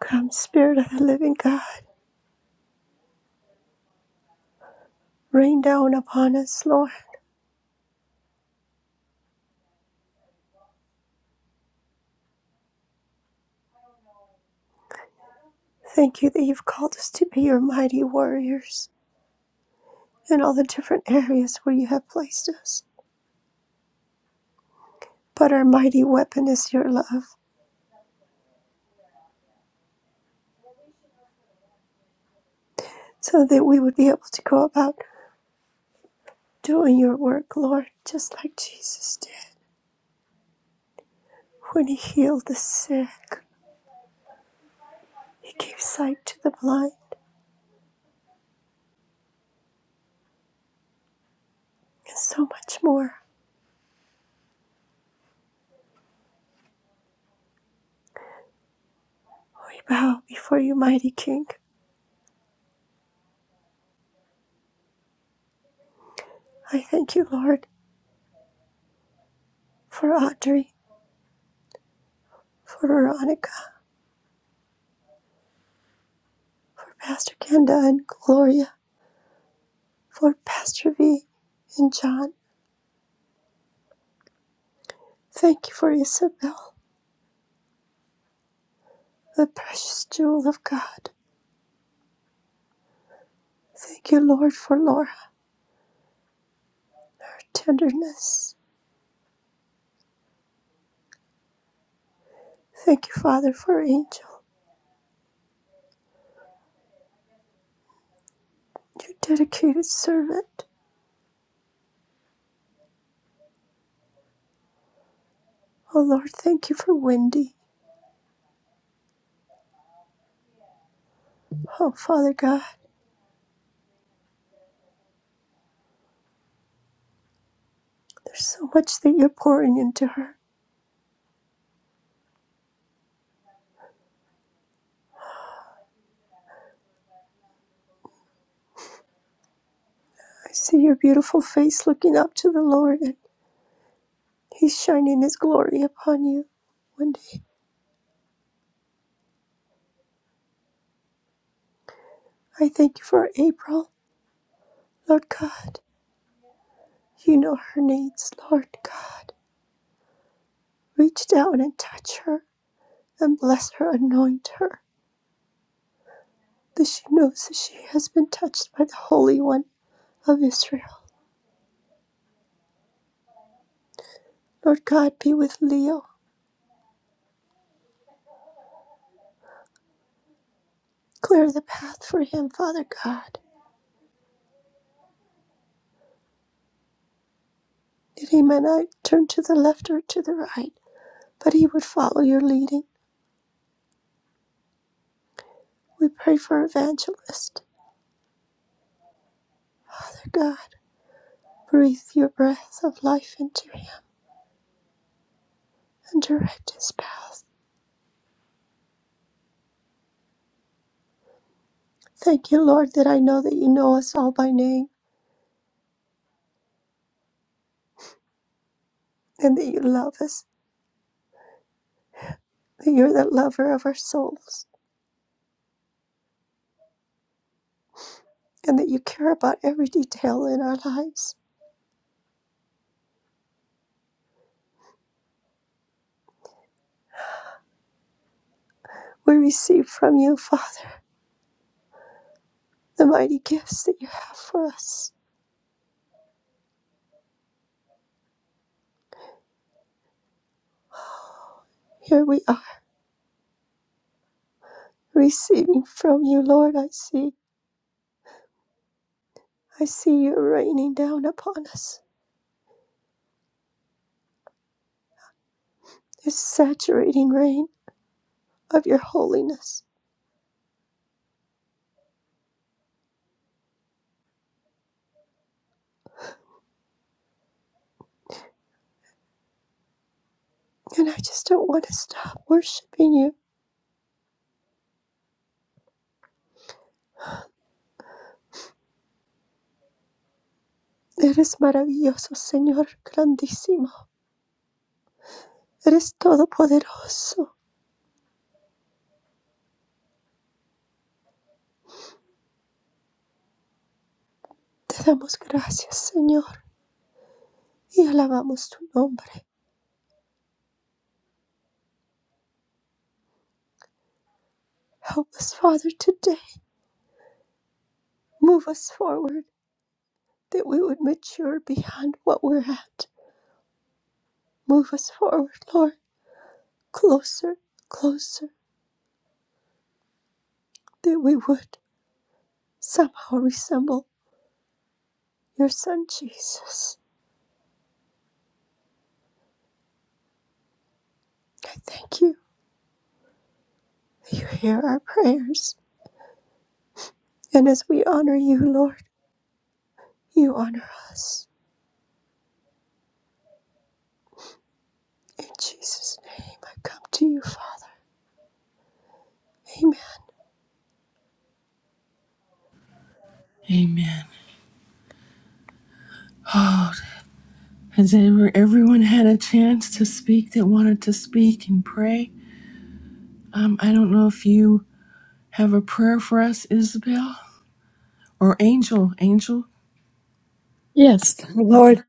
S7: Come, Spirit of the living God, rain down upon us, Lord. Thank you that you've called us to be your mighty warriors in all the different areas where you have placed us. But our mighty weapon is your love. so that we would be able to go about doing your work, Lord, just like Jesus did when he healed the sick, he gave sight to the blind, and so much more. We bow before you, mighty King. I thank you, Lord, for Audrey, for Veronica, for Pastor Kenda and Gloria, for Pastor V and John. Thank you for Isabel, the precious jewel of God. Thank you, Lord, for Laura, her tenderness. Thank you, Father, for Angel. your dedicated servant. Oh Lord, thank you for Wendy. Oh Father God, there's so much that you're pouring into her. I see your beautiful face looking up to the Lord, and He's shining His glory upon you. Wendy, I thank you for April. Lord God, you know her needs. Lord God, reach down and touch her and bless her, anoint her, that she knows that she has been touched by the Holy One of Israel. Lord God, be with Leo. Clear the path for him, Father God, that he may not turn to the left or to the right, but he would follow your leading. We pray for Evangelist. Father God, breathe your breath of life into him and direct his path. Thank you, Lord, that I know that you know us all by name and that you love us, that you're the lover of our souls, and that you care about every detail in our lives. We receive from you, Father, the mighty gifts that you have for us. Here we are. Receiving from you, Lord, I see. I see you raining down upon us. This saturating rain of your holiness. And I just don't want to stop worshiping you. Eres maravilloso, Señor, grandísimo. Eres todopoderoso. Te damos gracias, Señor, y alabamos tu nombre. Help us, Father, today. Move us forward that we would mature beyond what we're at. Move us forward, Lord, closer, closer that we would. somehow resemble your Son, Jesus. I thank you that you hear our prayers. And as we honor you, Lord, you honor us. In Jesus' name, I come to you, Father. Amen.
S1: Amen. Has ever, everyone had a chance to speak that wanted to speak and pray? Um, I don't know if you have a prayer for us, Isabel or Angel. Angel.
S8: Yes, Lord,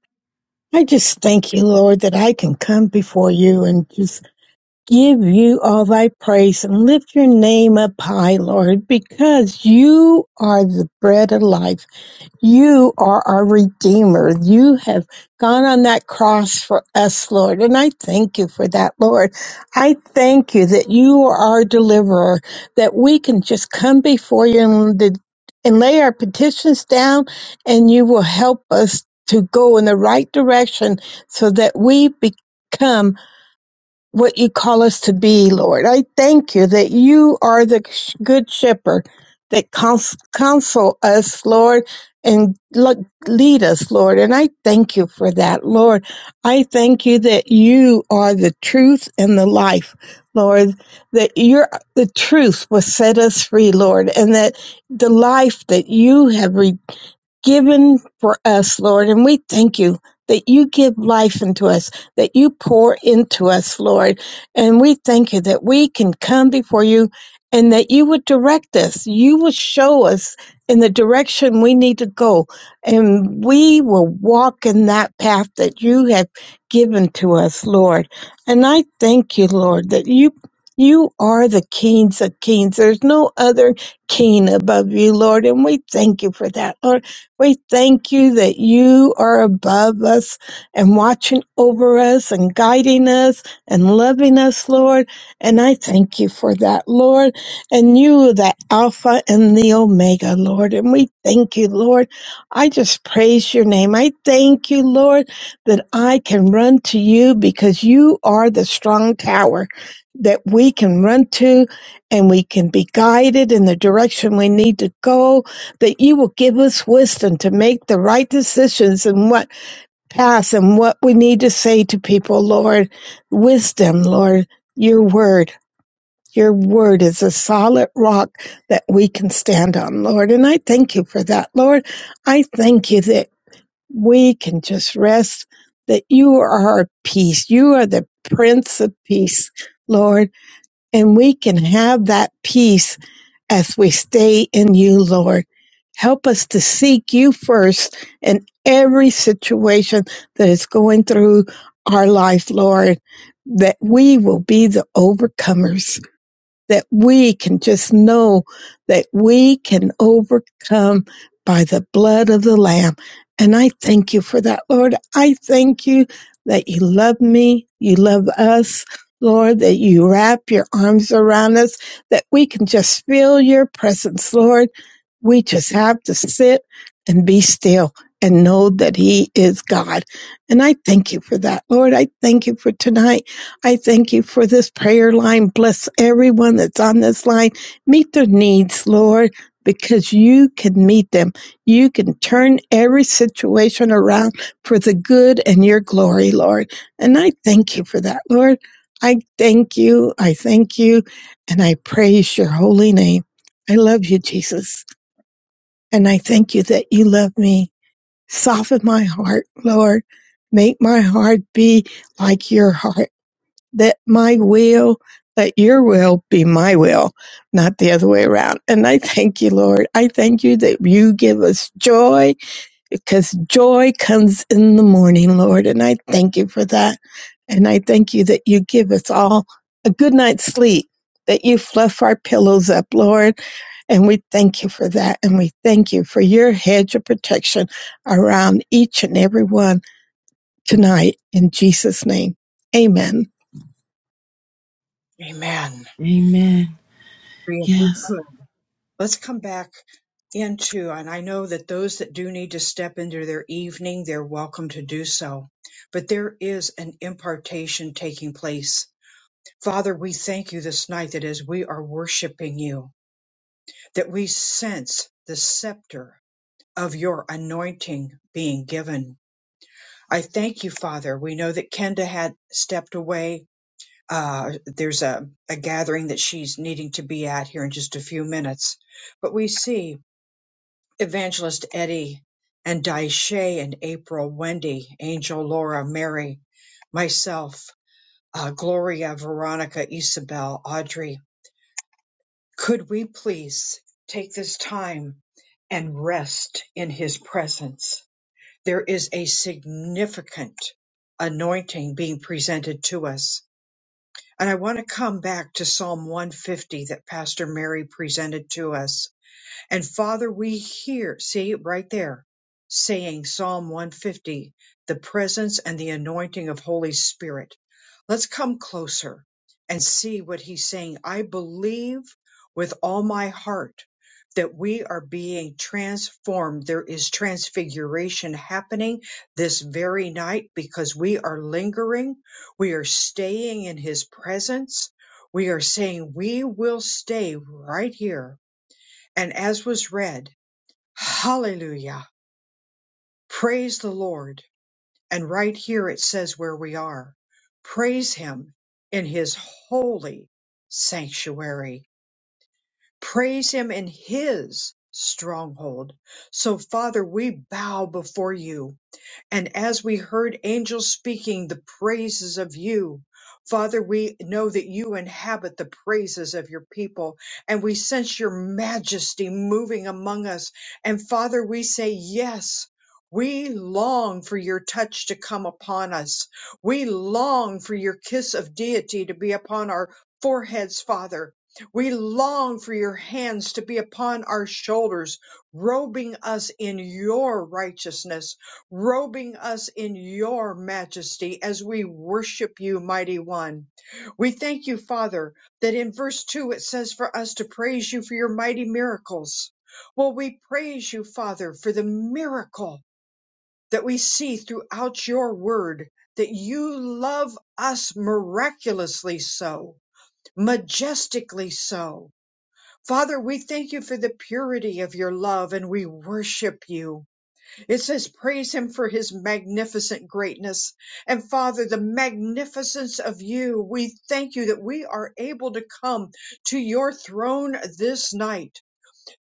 S8: I just thank you, Lord, that I can come before you and just give you all thy praise and lift your name up high, Lord, because you are the bread of life. You are our Redeemer. You have gone on that cross for us, Lord. And I thank you for that, Lord. I thank you that you are our deliverer, that we can just come before you and, the- and lay our petitions down, and you will help us to go in the right direction so that we become what you call us to be, Lord. I thank you that you are the sh- good shepherd that cons- counsel us, Lord, and lo- lead us, Lord. And I thank you for that, Lord. I thank you that you are the truth and the life, Lord, that your the truth will set us free, Lord, and that the life that you have re- given for us, Lord. And we thank you that you give life unto us that you pour into us, Lord. And we thank you that we can come before you and that you would direct us. You would show us in the direction we need to go. And we will walk in that path that you have given to us, Lord. And I thank you, Lord, that you you are the kings of kings. There's no other king above you, Lord. And we thank you for that, Lord. We thank you that you are above us and watching over us and guiding us and loving us, Lord. And I thank you for that, Lord. And you, are the Alpha and the Omega, Lord. And we thank you, Lord. I just praise your name. I thank you, Lord, that I can run to you because you are the strong tower that we can run to and we can be guided in the direction we need to go that you will give us wisdom to make the right decisions and what pass and what we need to say to people, Lord. Wisdom, Lord, your word. Your word is a solid rock that we can stand on, Lord. And I thank you for that, Lord. I thank you that we can just rest, that you are our peace. You are the Prince of Peace, Lord. And we can have that peace as we stay in you, Lord. Help us to seek you first in every situation that is going through our life, Lord, that we will be the overcomers that we can just know that we can overcome by the blood of the Lamb. And I thank you for that, Lord. I thank you that you love me, you love us, Lord, that you wrap your arms around us, that we can just feel your presence, Lord. We just have to sit and be still and know that He is God. And I thank you for that, Lord. I thank you for tonight. I thank you for this prayer line. Bless everyone that's on this line. Meet their needs, Lord, because you can meet them. You can turn every situation around for the good and your glory, Lord. And I thank you for that, Lord. I thank you. I thank you. And I praise your holy name. I love you, Jesus. And I thank you that you love me. Soften my heart, Lord. Make my heart be like your heart that my will, that your will be my will, not the other way around. And I thank you, Lord. I thank you that you give us joy because joy comes in the morning, Lord. And I thank you for that. And I thank you that you give us all a good night's sleep, that you fluff our pillows up, Lord. And we thank you for that. And we thank you for your hedge of protection around each and every one tonight in Jesus' name. Amen.
S5: Amen.
S1: Amen.
S5: If we
S1: Yes.
S5: could. let's come back into, and I know that those that do need to step into their evening, they're welcome to do so. But there is an impartation taking place. Father, we thank you this night that as we are worshiping you, that we sense the scepter of your anointing being given. I thank you, Father. We know that Kenda had stepped away. Uh, there's a, a gathering that she's needing to be at here in just a few minutes. But we see Evangelist Eddie and Daisha and April, Wendy, Angel, Laura, Mary, myself, uh, Gloria, Veronica, Isabel, Audrey. Could we please take this time and rest in his presence? There is a significant anointing being presented to us. And I want to come back to Psalm 150 that Pastor Mary presented to us and Father, we hear, see right there, saying Psalm 150, the presence and the anointing of Holy Spirit. Let's come closer and see what he's saying. I believe with all my heart that we are being transformed. There is transfiguration happening this very night because we are lingering. We are staying in his presence. We are saying we will stay right here and as was read, hallelujah, praise the Lord. And right here it says where we are, praise him in his holy sanctuary, praise him in his stronghold. So Father, we bow before you and as we heard angels speaking the praises of you, Father, we know that you inhabit the praises of your people and we sense your majesty moving among us. And Father, we say, yes. We long for your touch to come upon us. We long for your kiss of deity to be upon our foreheads, Father. We long for your hands to be upon our shoulders, robing us in your righteousness robing us in your majesty as we worship you, mighty one. We thank you, Father, that in verse 2 it says for us to praise you for your mighty miracles. Well, we praise you, Father, for the miracle that we see throughout your word, that you love us miraculously so, majestically so. Father, we thank you for the purity of your love and we worship you. It says, Praise him for his magnificent greatness. And Father, the magnificence of you, we thank you that we are able to come to your throne this night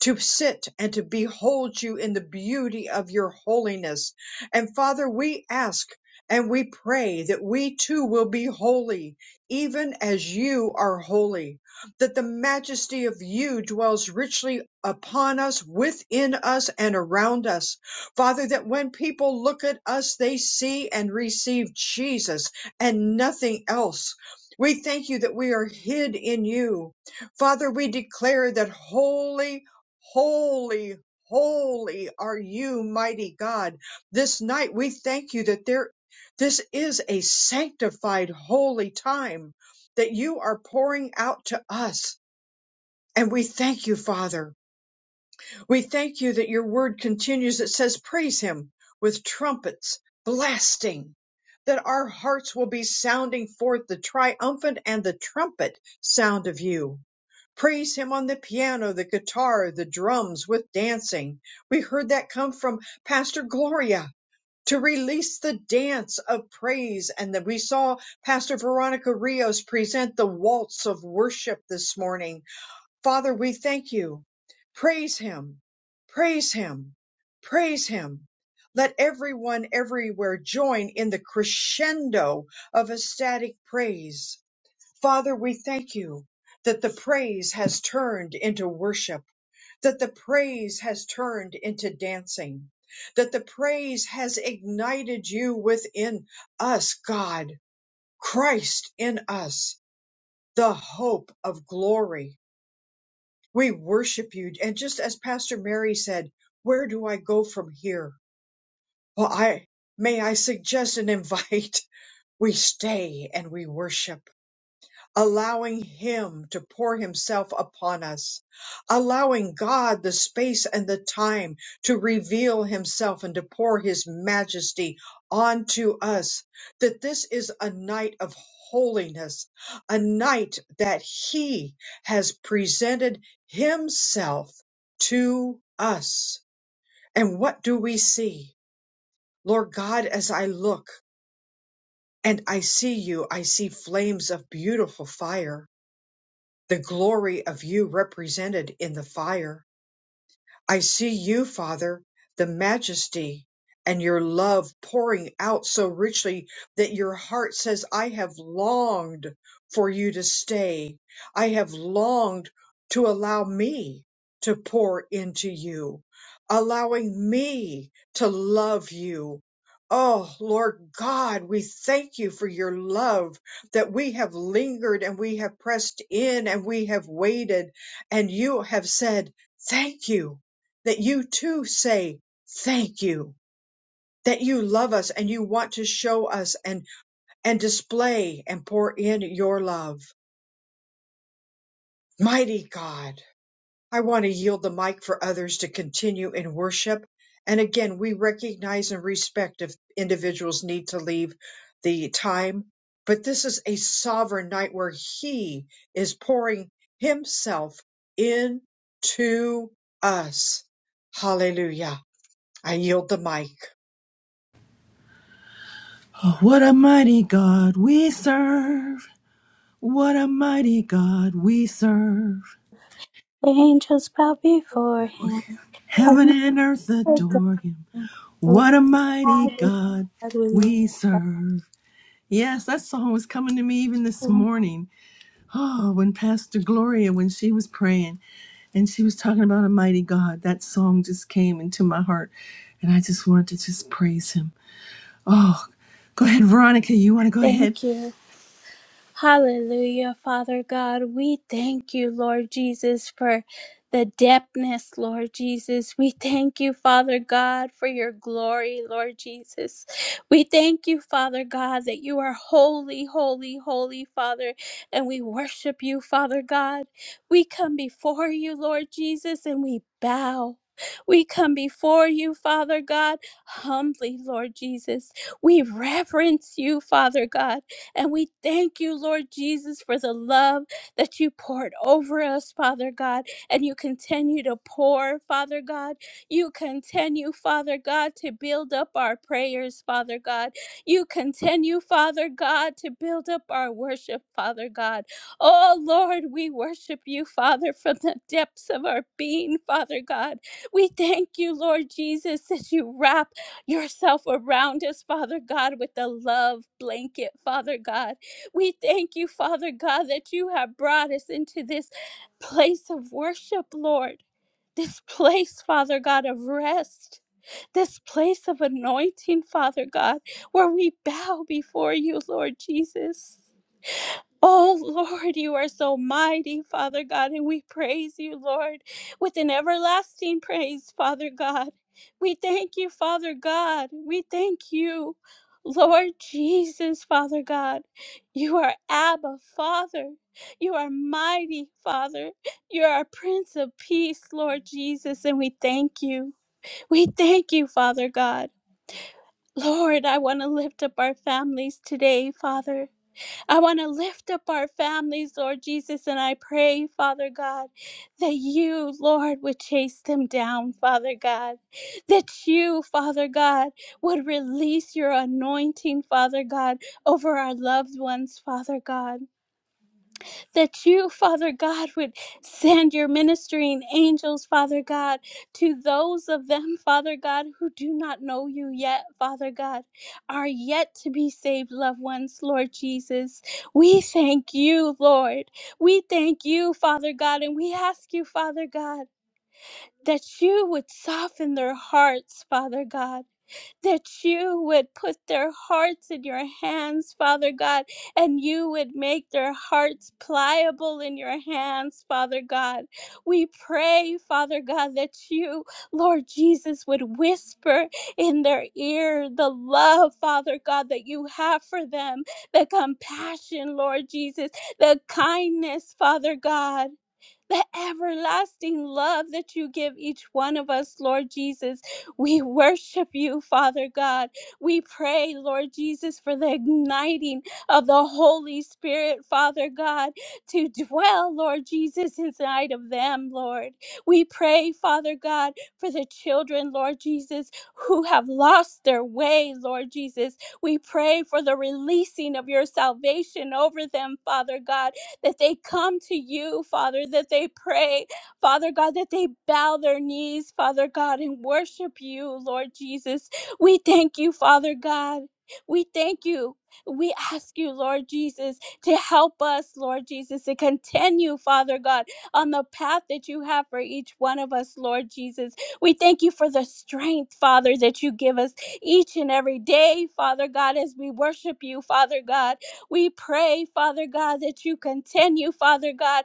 S5: to sit and to behold you in the beauty of your holiness. And Father, we ask and we pray that we too will be holy, even as you are holy, that the majesty of you dwells richly upon us, within us, and around us. Father, that when people look at us, they see and receive Jesus and nothing else. We thank you that we are hid in you. Father, we declare that holy Holy, holy are you, mighty God. This night we thank you that there, this is a sanctified, holy time that you are pouring out to us. And we thank you, Father. We thank you that your word continues. It says, Praise him with trumpets blasting, that our hearts will be sounding forth the triumphant and the trumpet sound of you. Praise him on the piano, the guitar, the drums with dancing. We heard that come from Pastor Gloria to release the dance of praise. And that we saw Pastor Veronica Rios present the waltz of worship this morning Father, we thank you. Praise him. Praise him. Praise him. Let everyone everywhere join in the crescendo of ecstatic praise. Father, we thank you that the praise has turned into worship, that the praise has turned into dancing, that the praise has ignited you within us, God, Christ in us, the hope of glory. We worship you. And just as Pastor Mary said, where do I go from here? Well, I may I suggest and invite we stay and we worship allowing Him to pour Himself upon us, allowing God the space and the time to reveal Himself and to pour His majesty onto us, that this is a night of holiness, a night that He has presented Himself to us. And what do we see? Lord God, as I look and I see you, I see flames of beautiful fire the glory of you represented in the fire. I see you, Father, the majesty and your love pouring out so richly that your heart says, I have longed for you to stay. I have longed to allow me to pour into you, allowing me to love you. Oh, Lord God, we thank you for your love that we have lingered and we have pressed in and we have waited and you have said, thank you that you too say thank you that you love us and you want to show us and and display and pour in your love mighty god i want to yield the mic for others to continue in worship and again we recognize and respect if individuals need to leave the time but this is a sovereign night where he is pouring himself into us hallelujah i yield the mic
S1: Oh, what a mighty God we serve. What a mighty God we serve.
S2: The angels bow before him.
S1: Heaven
S2: Heaven
S1: and earth
S2: adore
S1: adore him.
S2: him.
S1: What
S2: Why
S1: a mighty
S2: be
S1: God
S2: God with
S1: we serve. Yes, that song was coming to me even this
S2: you?
S1: morning Oh, when Pastor Gloria, when she was praying and she was talking about a mighty God, that song just came into my heart and I just wanted to just praise him. Oh, go ahead, Veronica. You want to go ahead?
S2: Thank you. Hallelujah, Father God. We thank you, Lord Jesus, for the depthness, Lord Jesus. We thank you, Father God, for your glory, Lord Jesus. We thank you, Father God, that you are holy, holy, holy, Father, and we worship you, Father God. We come before you, Lord Jesus, and we bow. We come before you, Father God, humbly, Lord Jesus. We reverence you, Father God. And we thank you, Lord Jesus, for the love that you poured over us, Father God, and you continue to pour, Father God. You continue, Father God, to build up our prayers, Father God. You continue, Father God, to build up our worship, Father God. Oh, Lord, we worship you, Father, from the depths of our being, Father God. We thank you, Lord Jesus, that you wrap yourself around us, Father God, with the love blanket, Father God. We thank you, Father God, that you have brought us into this place of worship, Lord. This place, Father God, of rest, this place of anointing, Father God, where we bow before you, Lord Jesus. Oh Lord, you are so mighty, Father God, and we praise you, Lord, with an everlasting praise, Father God. We thank you, Father God. We thank you, Lord Jesus, Father God. You are Abba, Father. You are mighty, Father. You are Prince of Peace, Lord Jesus, and we thank you. We thank you, Father God. Lord, I want to lift up our families today, Father. I want to lift up our families, Lord Jesus, and I pray, Father God, that you, Lord, would chase them down, Father God. That you, Father God, would release your anointing, Father God, over our loved ones, Father God that you, Father God, would send your ministering angels, Father God, to those of them, Father God, who do not know you yet, Father God, are yet to be saved loved ones, Lord Jesus. We thank you, Lord. We thank you, Father God, and we ask you, Father God, that you would soften their hearts, Father God that you would put their hearts in your hands, Father God, and you would make their hearts pliable in your hands, Father God. We pray, Father God, that you, Lord Jesus, would whisper in their ear the love, Father God, that you have for them, the compassion, Lord Jesus, the kindness, Father God the everlasting love that you give each one of us, Lord Jesus. We worship you, Father God. We pray, Lord Jesus, for the igniting of the Holy Spirit, Father God, to dwell, Lord Jesus, inside of them, Lord. We pray, Father God, for the children, Lord Jesus, who have lost their way, Lord Jesus. We pray for the releasing of your salvation over them, Father God that they come to you, Father, that they pray, Father God, that they bow their knees, Father God, and worship you, Lord Jesus. We thank you, Father God. We thank you. We ask you, Lord Jesus, to help us, Lord Jesus, to continue, Father God, on the path that you have for each one of us, Lord Jesus. We thank you for the strength, Father, that you give us each and every day, Father God, as we worship you, Father God. We pray, Father God, that you continue, Father God,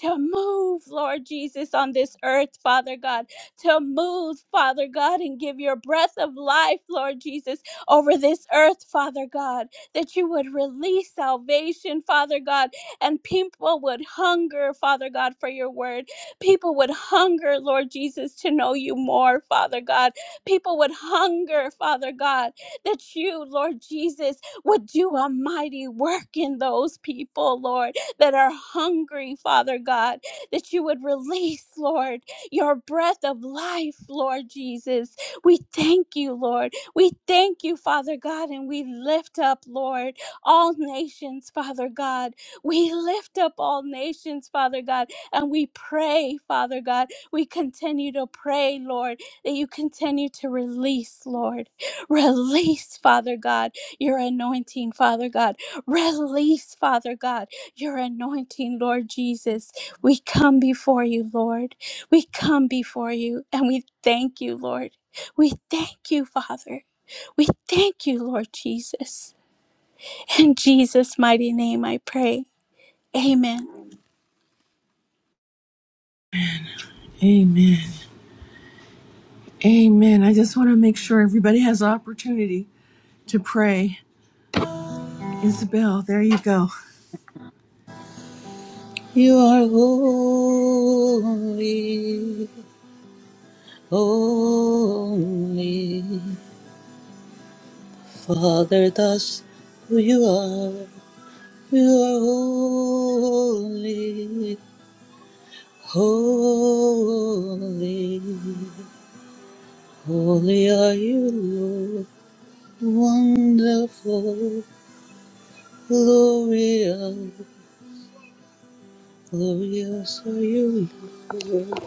S2: to move, Lord Jesus, on this earth, Father God, to move, Father God, and give your breath of life, Lord Jesus, over this earth, Father God, that you would release salvation, Father God, and people would hunger, Father God, for your word. People would hunger, Lord Jesus, to know you more, Father God. People would hunger, Father God, that you, Lord Jesus, would do a mighty work in those people, Lord, that are hungry, Father God, that you would release, Lord, your breath of life, Lord Jesus. We thank you, Lord. We thank you, Father God, and we lift up, Lord, all nations, Father God. We lift up all nations, Father God, and we pray, Father God. We continue to pray, Lord, that you continue to release, Lord. Release, Father God your anointing, Father God. Release, Father God, your anointing, Lord Jesus. We come before you, Lord. We come before you and we thank you, Lord. We thank you, Father. We thank you, Lord Jesus. In Jesus' mighty name I pray. Amen.
S1: Amen. Amen. I just want to make sure everybody has opportunity to pray. Isabel, there you go.
S9: You are holy, holy. Father, that's who you are. You are holy, holy. Holy are you, Lord. Wonderful, glorious, glorious are you, Lord.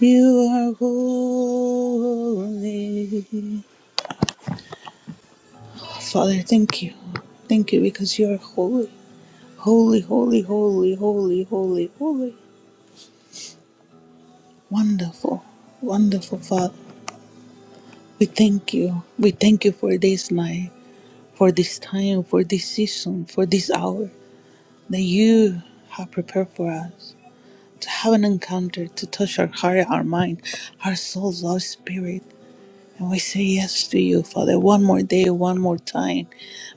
S9: You are holy. Father, thank you. Thank you because you are holy. Holy, holy, holy, holy, holy, holy. Wonderful, wonderful Father. We thank you. We thank you for this night, for this time, for this season, for this hour that you have prepared for us to have an encounter, to touch our heart, our mind, our souls, our spirit. And we say yes to you, Father, one more day, one more time.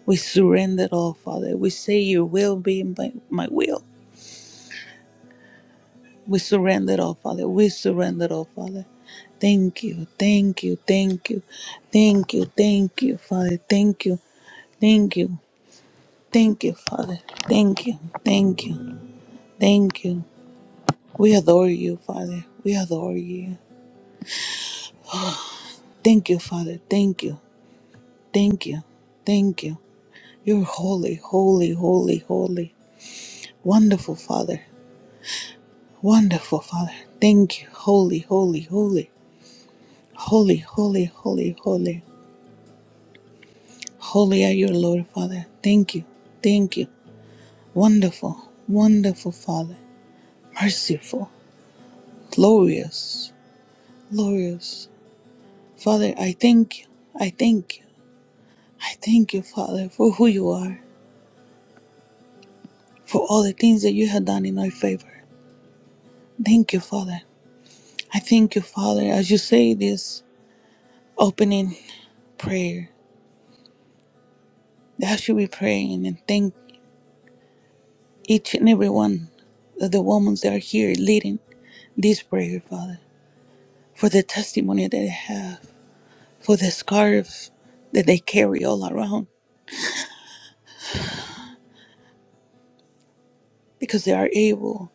S9: We surrender all, Father. We say your will be my, my will We surrender it all, Father. We surrender it all, Father. Thank you, thank you, thank you, thank you, thank you, Father. Thank you, thank you, thank you, Father. Thank you, thank you, thank you. We adore you, Father. We adore you. Thank you, Father. Thank you, thank you, thank you. You're holy, holy, holy, holy. Wonderful, Father. Wonderful, Father. Thank you, holy, holy, holy, holy, holy, holy, holy. Holy are you, Lord Father. Thank you. Thank you. Wonderful, wonderful Father. Merciful, glorious, glorious. Father, I thank you. I thank you. I thank you, Father, for who you are, for all the things that you have done in our favor. Thank you, Father. I thank you, Father, as you say this opening prayer, that I should be praying and thank each and every one of the women that are here leading this prayer, Father, for the testimony that they have for the scarf that they carry all around, because they are able,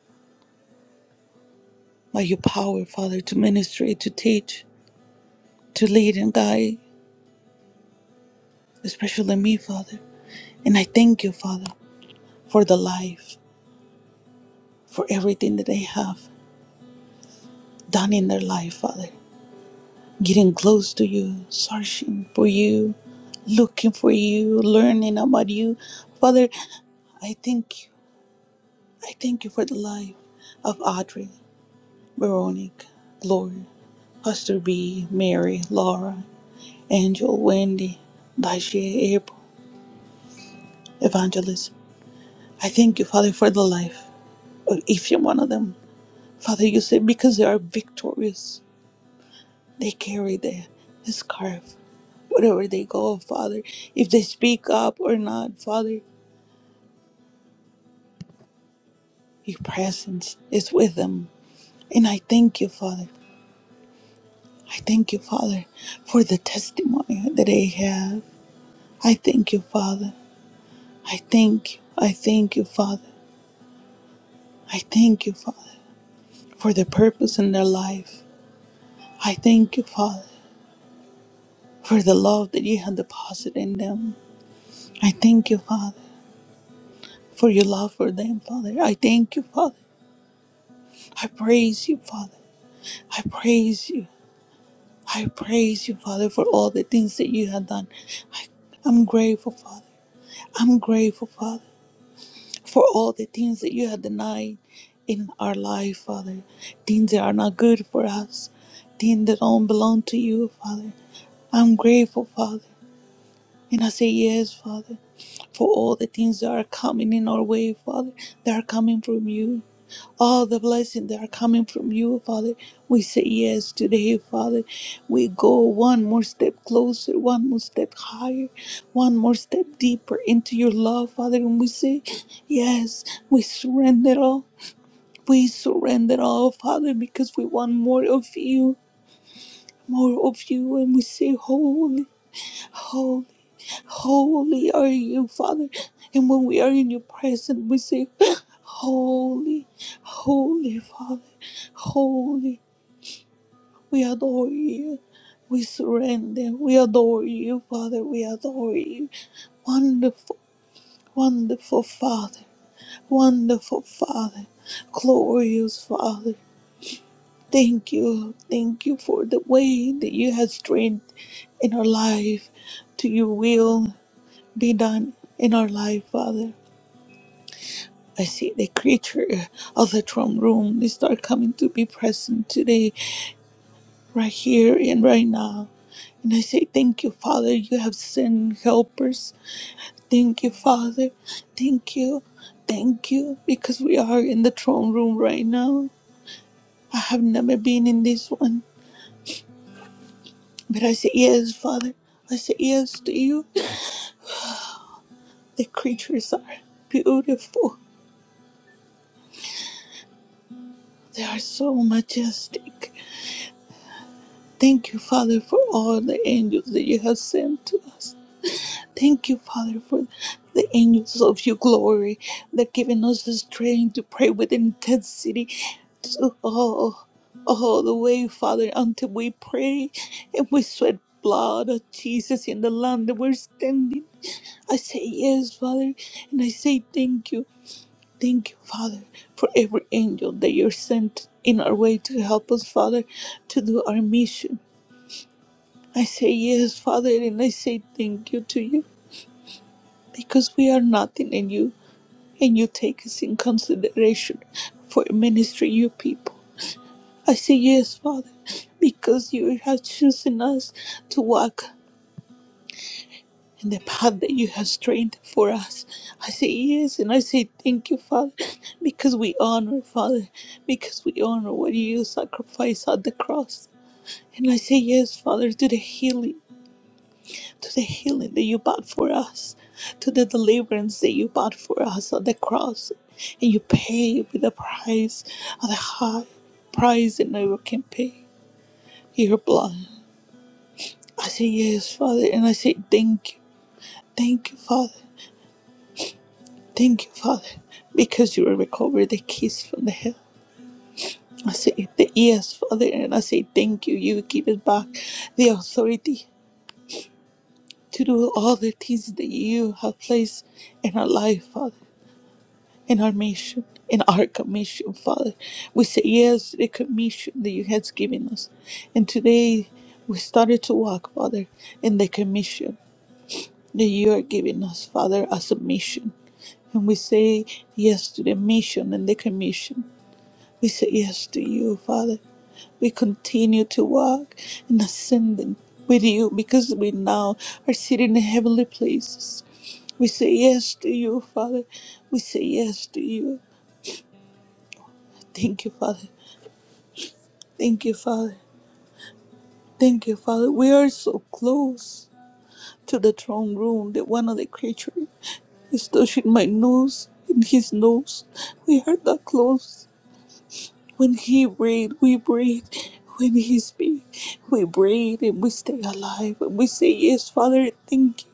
S9: by your power, Father, to ministry, to teach, to lead and guide, especially me, Father. And I thank you, Father, for the life, for everything that they have done in their life, Father. Getting close to you, searching for you, looking for you, learning about you. Father, I thank you. I thank you for the life of Audrey, Veronica, Gloria. Hester B, Mary, Laura, Angel, Wendy, Daisha, April, Evangelist. I thank you, Father, for the life of each and one of them. Father, you said because they are victorious, they carry the, the scarf wherever they go, Father. If they speak up or not, Father, your presence is with them. And I thank you, Father. I thank you, Father, for the testimony that they have. I thank you, Father. I thank you. I thank you, Father. I thank you, Father, for the purpose in their life. I thank you, Father, for the love that you have deposited in them. I thank you, Father, for your love for them, Father. I thank you, Father. I praise you, Father. I praise you. I praise you, Father, for all the things that you have done. I, I'm grateful, Father. I'm grateful, Father, for all the things that you have denied in our life, Father. Things that are not good for us, things that don't belong to you, Father. I'm grateful, Father. And I say yes, Father, for all the things that are coming in our way, Father, that are coming from you. All the blessings that are coming from you, Father. We say yes today, Father. We go one more step closer, one more step higher, one more step deeper into your love, Father. And we say, yes, we surrender all. We surrender all, Father, because we want more of you, more of you. And we say, Holy. holy. Holy are you, Father. And when we are in your presence, we say, Holy, holy, Father, holy. We adore you. We surrender. We adore you, Father. We adore you. Wonderful, wonderful Father. Wonderful Father. Glorious Father. Thank you. Thank you for the way that you have strength in our life to your will be done in our life, Father. I see the creature of the throne room. They start coming to be present today, right here and right now. And I say, Thank you, Father. You have sent helpers. Thank you, Father. Thank you. Thank you. Because we are in the throne room right now. I have never been in this one. But I say, Yes, Father. I say, Yes to you. The creatures are beautiful. They are so majestic. Thank you, Father, for all the angels that you have sent to us. Thank you, Father, for the angels of your glory that giving us the strength to pray with intensity. To, oh, all the way, Father, until we pray and we sweat blood of Jesus in the land that we're standing. I say yes, Father, and I say thank you. Thank you, Father, for every angel that you're sent in our way to help us, Father, to do our mission. I say yes, Father, and I say thank you to you because we are nothing in you. and you take us in consideration for ministering your people. I say yes, Father, because you have chosen us to walk in the path that you have trained for us. I say yes, and I say thank you, Father, because we honor, Father, because we honor what you sacrificed at the cross. And I say yes, Father, to the healing to the healing that you bought for us, to the deliverance that you bought for us on the cross. And you paid with the price of the high price that never can pay. Your blood. I say yes, Father, and I say thank you. Thank you, Father. Thank you, Father. Because you recovered the keys from the hell. I say th- yes, Father, and I say thank you. You give us back the authority to do all the things that you have placed in our life, Father. in our mission, in our commission, Father. We say yes to the commission that you has given us. And today we started to walk, Father, in the commission that you are giving us, Father, as a mission. And we say yes to the mission and the commission. We say yes to you, Father. We continue to walk in ascending with you because we now are sitting in heavenly places. We say yes to you, Father. We say yes to you. Thank you, Father Thank you, Father. Thank you, Father. We are so close to the throne room that one of the creatures is touching my nose and his nose. We are that close. When he breathes, we breathe. When he speaks, we breathe and we stay alive. And we say, Yes, Father, thank you.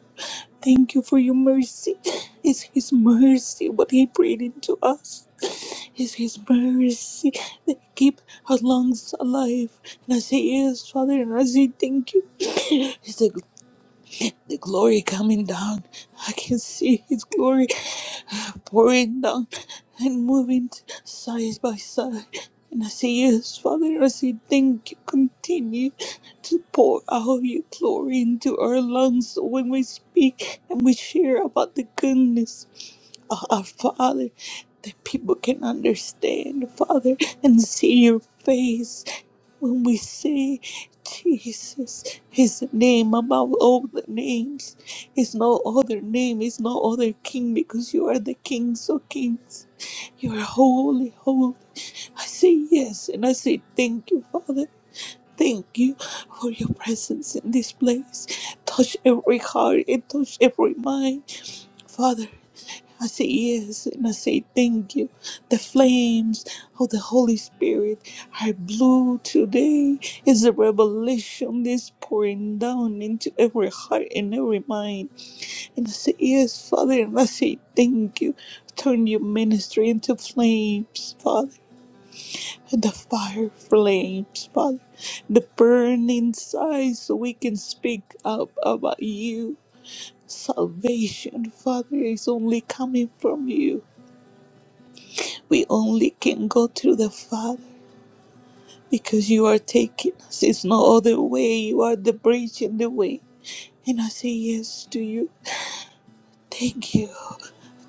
S9: Thank you for your mercy. It's His mercy what He breathed into us. It's His mercy that keep our lungs alive. And I say yes, Father, and I say thank you the glory coming down. I can see His glory pouring down and moving side by side. And I say, Yes, Father, I say, Thank you. Continue to pour out your glory into our lungs so when we speak and we share about the goodness of our Father, that people can understand, Father, and see your face. When we say Jesus is the name above all the names, is no other name, is no other king, because you are the kings of kings. You are holy, holy. I say yes, and I say thank you, Father. Thank you for your presence in this place. Touch every heart and touch every mind. Father, I say yes, and I say thank you. The flames of the Holy Spirit are blue today. It's a revelation that's pouring down into every heart and every mind. And I say yes, Father, and I say thank you. Turn your ministry into flames, Father. the fire flames, Father. The burning inside so we can speak up about you. Salvation, Father, is only coming from you. We only can go through the Father because you are taking us. It's no other way. You are the bridge and the way. And I say yes to you. Thank you.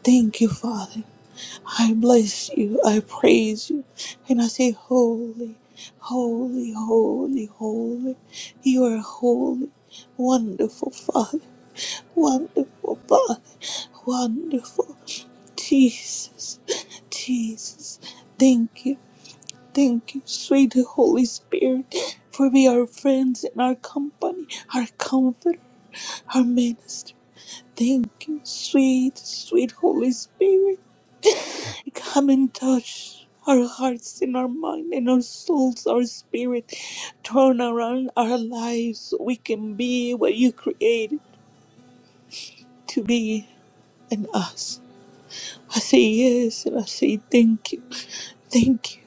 S9: Thank you, Father. I bless you. I praise you. And I say, Holy, holy, holy, holy. You are holy. Wonderful Father. Wonderful Father. Wonderful Jesus. Jesus. Thank you. Thank you, sweet Holy Spirit, for being our friends and our company, our comfort, our minister. Thank you, sweet, sweet Holy Spirit. Come and touch our hearts and our mind and our souls, our spirit. Turn around our lives so we can be what you created to be in us. I say yes and I say thank you. Thank you.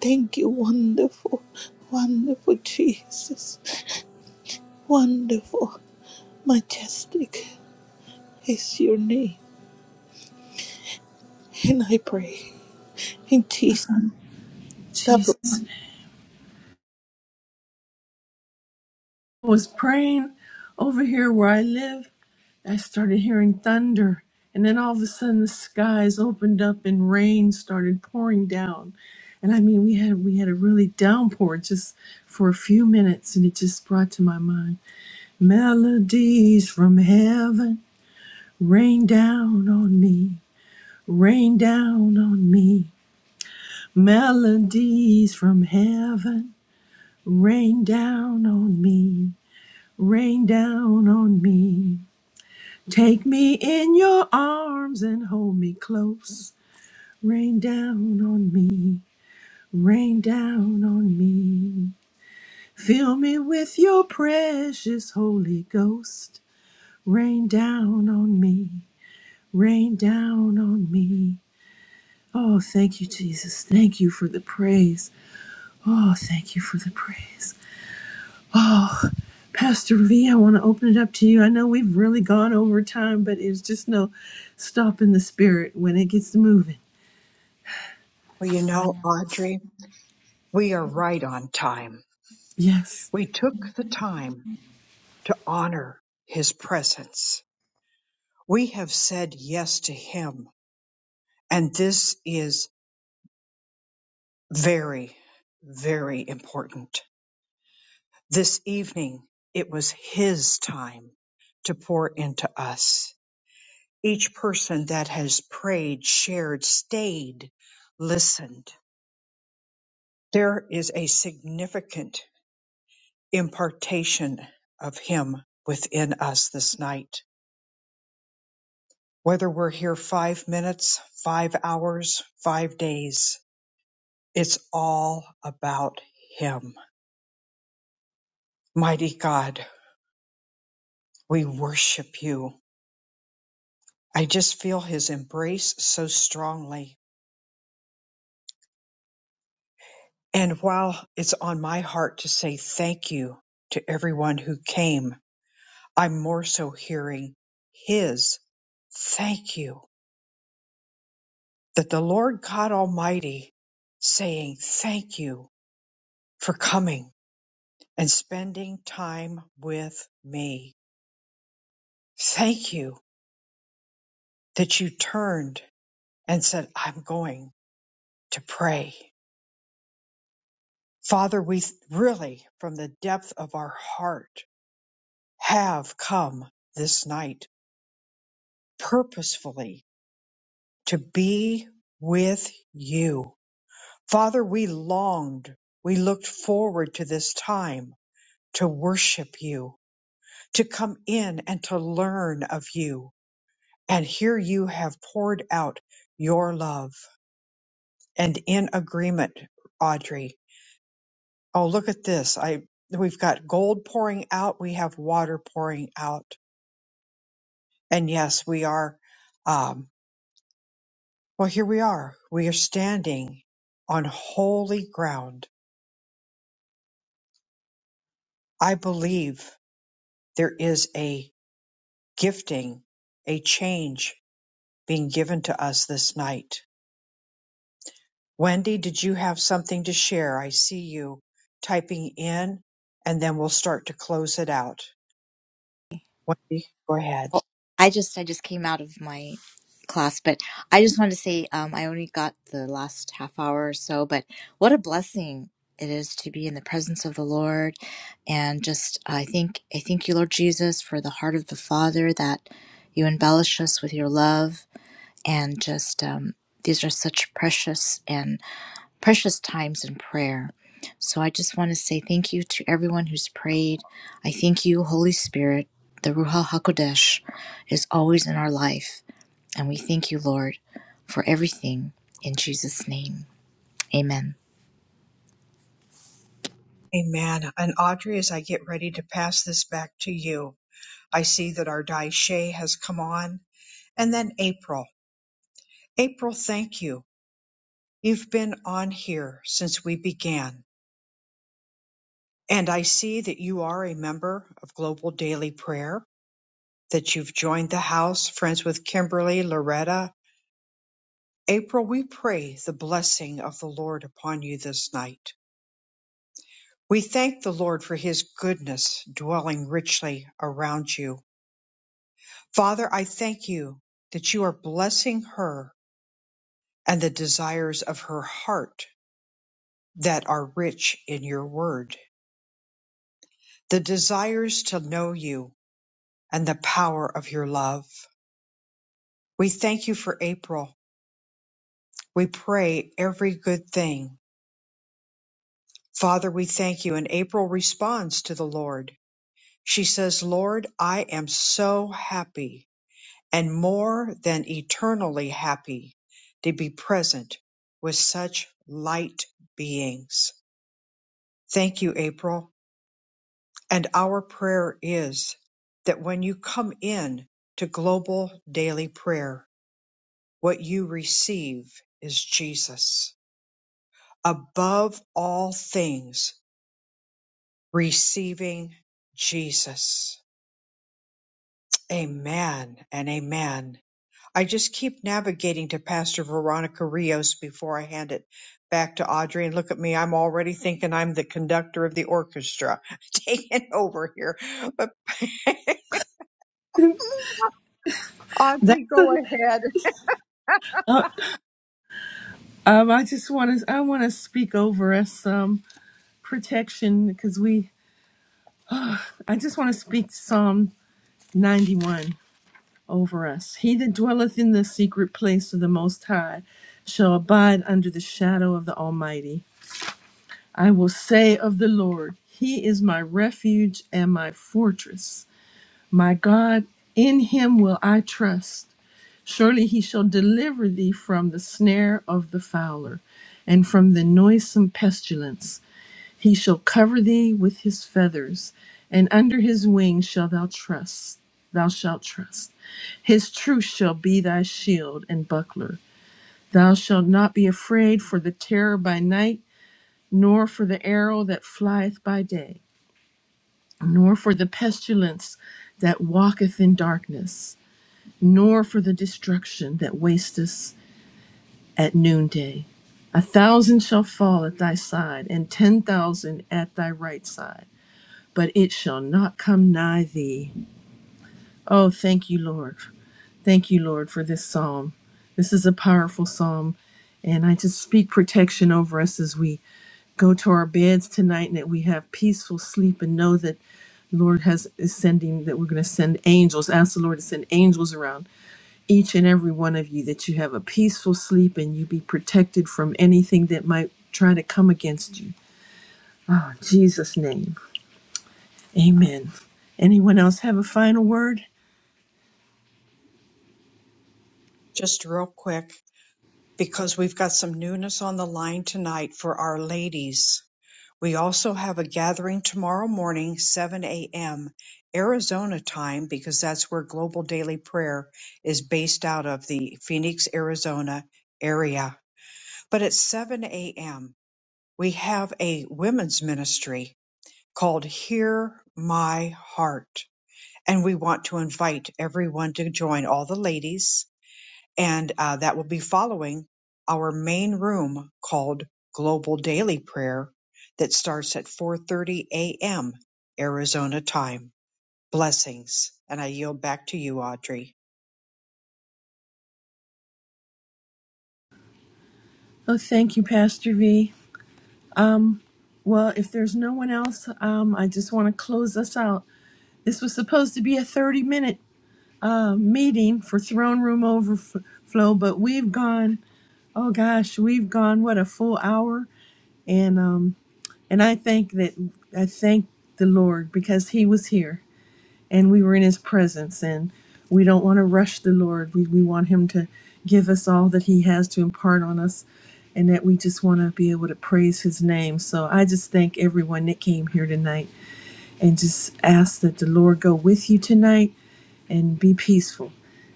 S9: Thank you, wonderful, wonderful Jesus. Wonderful, majestic is your name, and I pray in Jesus' name.
S1: Jesus I was praying over here where I live I started hearing thunder, and then all of a sudden the skies opened up and rain started pouring down. And I mean, we had we had a really downpour just for a few minutes, and it just brought to my mind melodies from heaven rain down on me, rain down on me, melodies from heaven rain down on me, rain down on me. Take me in your arms and hold me close. Rain down on me, rain down on me. Fill me with your precious Holy Ghost. Rain down on me, rain down on me. Oh, thank you, Jesus. Thank you for the praise. Oh, thank you for the praise. Oh, Pastor V, I want to open it up to you. I know we've really gone over time, but it's just no stopping the spirit when it gets moving.
S5: Well, you know, Audrey, we are right on time.
S1: Yes.
S5: We took the time to honor his presence. We have said yes to him, and this is very, very important. This evening, it was his time to pour into us. Each person that has prayed, shared, stayed, listened. There is a significant impartation of Him within us this night. Whether we're here five minutes, five hours, five days, it's all about Him. Mighty God, we worship you. I just feel His embrace so strongly. And while it's on my heart to say thank you to everyone who came, I'm more so hearing His thank you that the Lord God Almighty saying, Thank you for coming and spending time with me. Thank you that you turned and said, I'm going to pray. Father, we really, from the depth of our heart, have come this night purposefully to be with you. Father, we longed, we looked forward to this time to worship you to come in and to learn of you. And here you have poured out your love and in agreement, Audrey. Oh, look at this. I, we've got gold pouring out. We have water pouring out. And yes, we are, um, well, here we are. We are standing on holy ground. I believe there is a gifting, a change being given to us this night Wendy, did you have something to share? I see you typing in, and then we'll start to close it out. Wendy, go ahead.
S10: Oh, I just I just came out of my class, but I just wanted to say um, I only got the last half hour or so, but what a blessing it is to be in the presence of the Lord, and just I think I thank you, Lord Jesus, for the heart of the Father that you embellish us with your love, and just um, these are such precious and precious times in prayer. So I just want to say thank you to everyone who's prayed. I thank you, Holy Spirit. The Ruha HaKodesh is always in our life. And we thank you, Lord, for everything. In Jesus' name, amen.
S5: Amen. And Audrey, as I get ready to pass this back to you, I see that our Daishe has come on. And then April. April, thank you. You've been on here since we began. And I see that you are a member of Global Daily Prayer, that you've joined the house, friends with Kimberly, Loretta, April, we pray the blessing of the Lord upon you this night. We thank the Lord for his goodness dwelling richly around you. Father, I thank you that you are blessing her and the desires of her heart that are rich in your word, the desires to know you and the power of your love. We thank you for April. We pray every good thing. Father, we thank you. And April responds to the Lord. She says, Lord, I am so happy and more than eternally happy to be present with such light beings. Thank you, April. And our prayer is that when you come in to global daily prayer, what you receive is Jesus. Above all things, receiving Jesus. Amen and amen. I just keep navigating to Pastor Veronica Rios before I hand it back to Audrey. And look at me, I'm already thinking I'm the conductor of the orchestra taking over here. But
S1: That's
S5: pre go
S1: a, uh, um, I just want to I want to speak over us some protection because we I just want to speak Psalm 91 over us. He that dwelleth in the secret place of the Most High shall abide under the shadow of the Almighty. I will say of the Lord, He is my refuge and my fortress, my God. In Him will I trust. Surely he shall deliver thee from the snare of the fowler and from the noisome pestilence. He shall cover thee with his feathers, and under his wings shalt thou trust. Thou shalt trust. His truth shall be thy shield and buckler. Thou shalt not be afraid for the terror by night, nor for the arrow that flieth by day, nor for the pestilence that walketh in darkness, nor for the destruction that wasteth at noonday. A thousand shall fall at thy side, and ten thousand at thy right side, but it shall not come nigh thee. Oh, thank you, Lord. Thank you, Lord, for this psalm. This is a powerful psalm, and I just speak protection over us as we go to our beds tonight and that we have peaceful sleep and know that Lord has is sending that we're going to send angels. Ask the Lord to send angels around each and every one of you that you have a peaceful sleep and you be protected from anything that might try to come against you. Oh, in Jesus' name. Amen. Anyone else have a final word?
S5: just real quick because we've got some newness on the line tonight for our ladies. We also have a gathering tomorrow morning, 7 a.m. Arizona time, because that's where Global Daily Prayer is based out of the Phoenix, Arizona area. But it's 7 a.m we have a women's ministry called Hear My Heart. And we want to invite everyone to join, all the ladies. And uh, that will be following our main room called Global Daily Prayer that starts at 4.30 a.m. Arizona time. Blessings. And I yield back to you, Audrey.
S1: Oh, thank you, Pastor V. Um, well, if there's no one else, um, I just want to close us out. This was supposed to be a 30 minute uh, meeting for Throne Room Overflow, but we've gone, oh gosh, we've gone, what, a full hour? And um, And I thank that I thank the Lord because He was here and we were in His presence. And we don't want to rush the Lord. We we want Him to give us all that He has to impart on us, and that we just want to be able to praise His name. So I just thank everyone that came here tonight, and just ask that the Lord go with you tonight and be peaceful.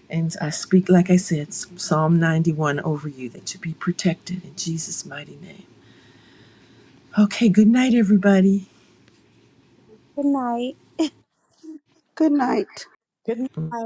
S1: And I speak, like I said, Psalm 91 over you that you be protected in Jesus' mighty name. Okay, good night, everybody.
S2: Good night.
S4: night.
S5: Good night.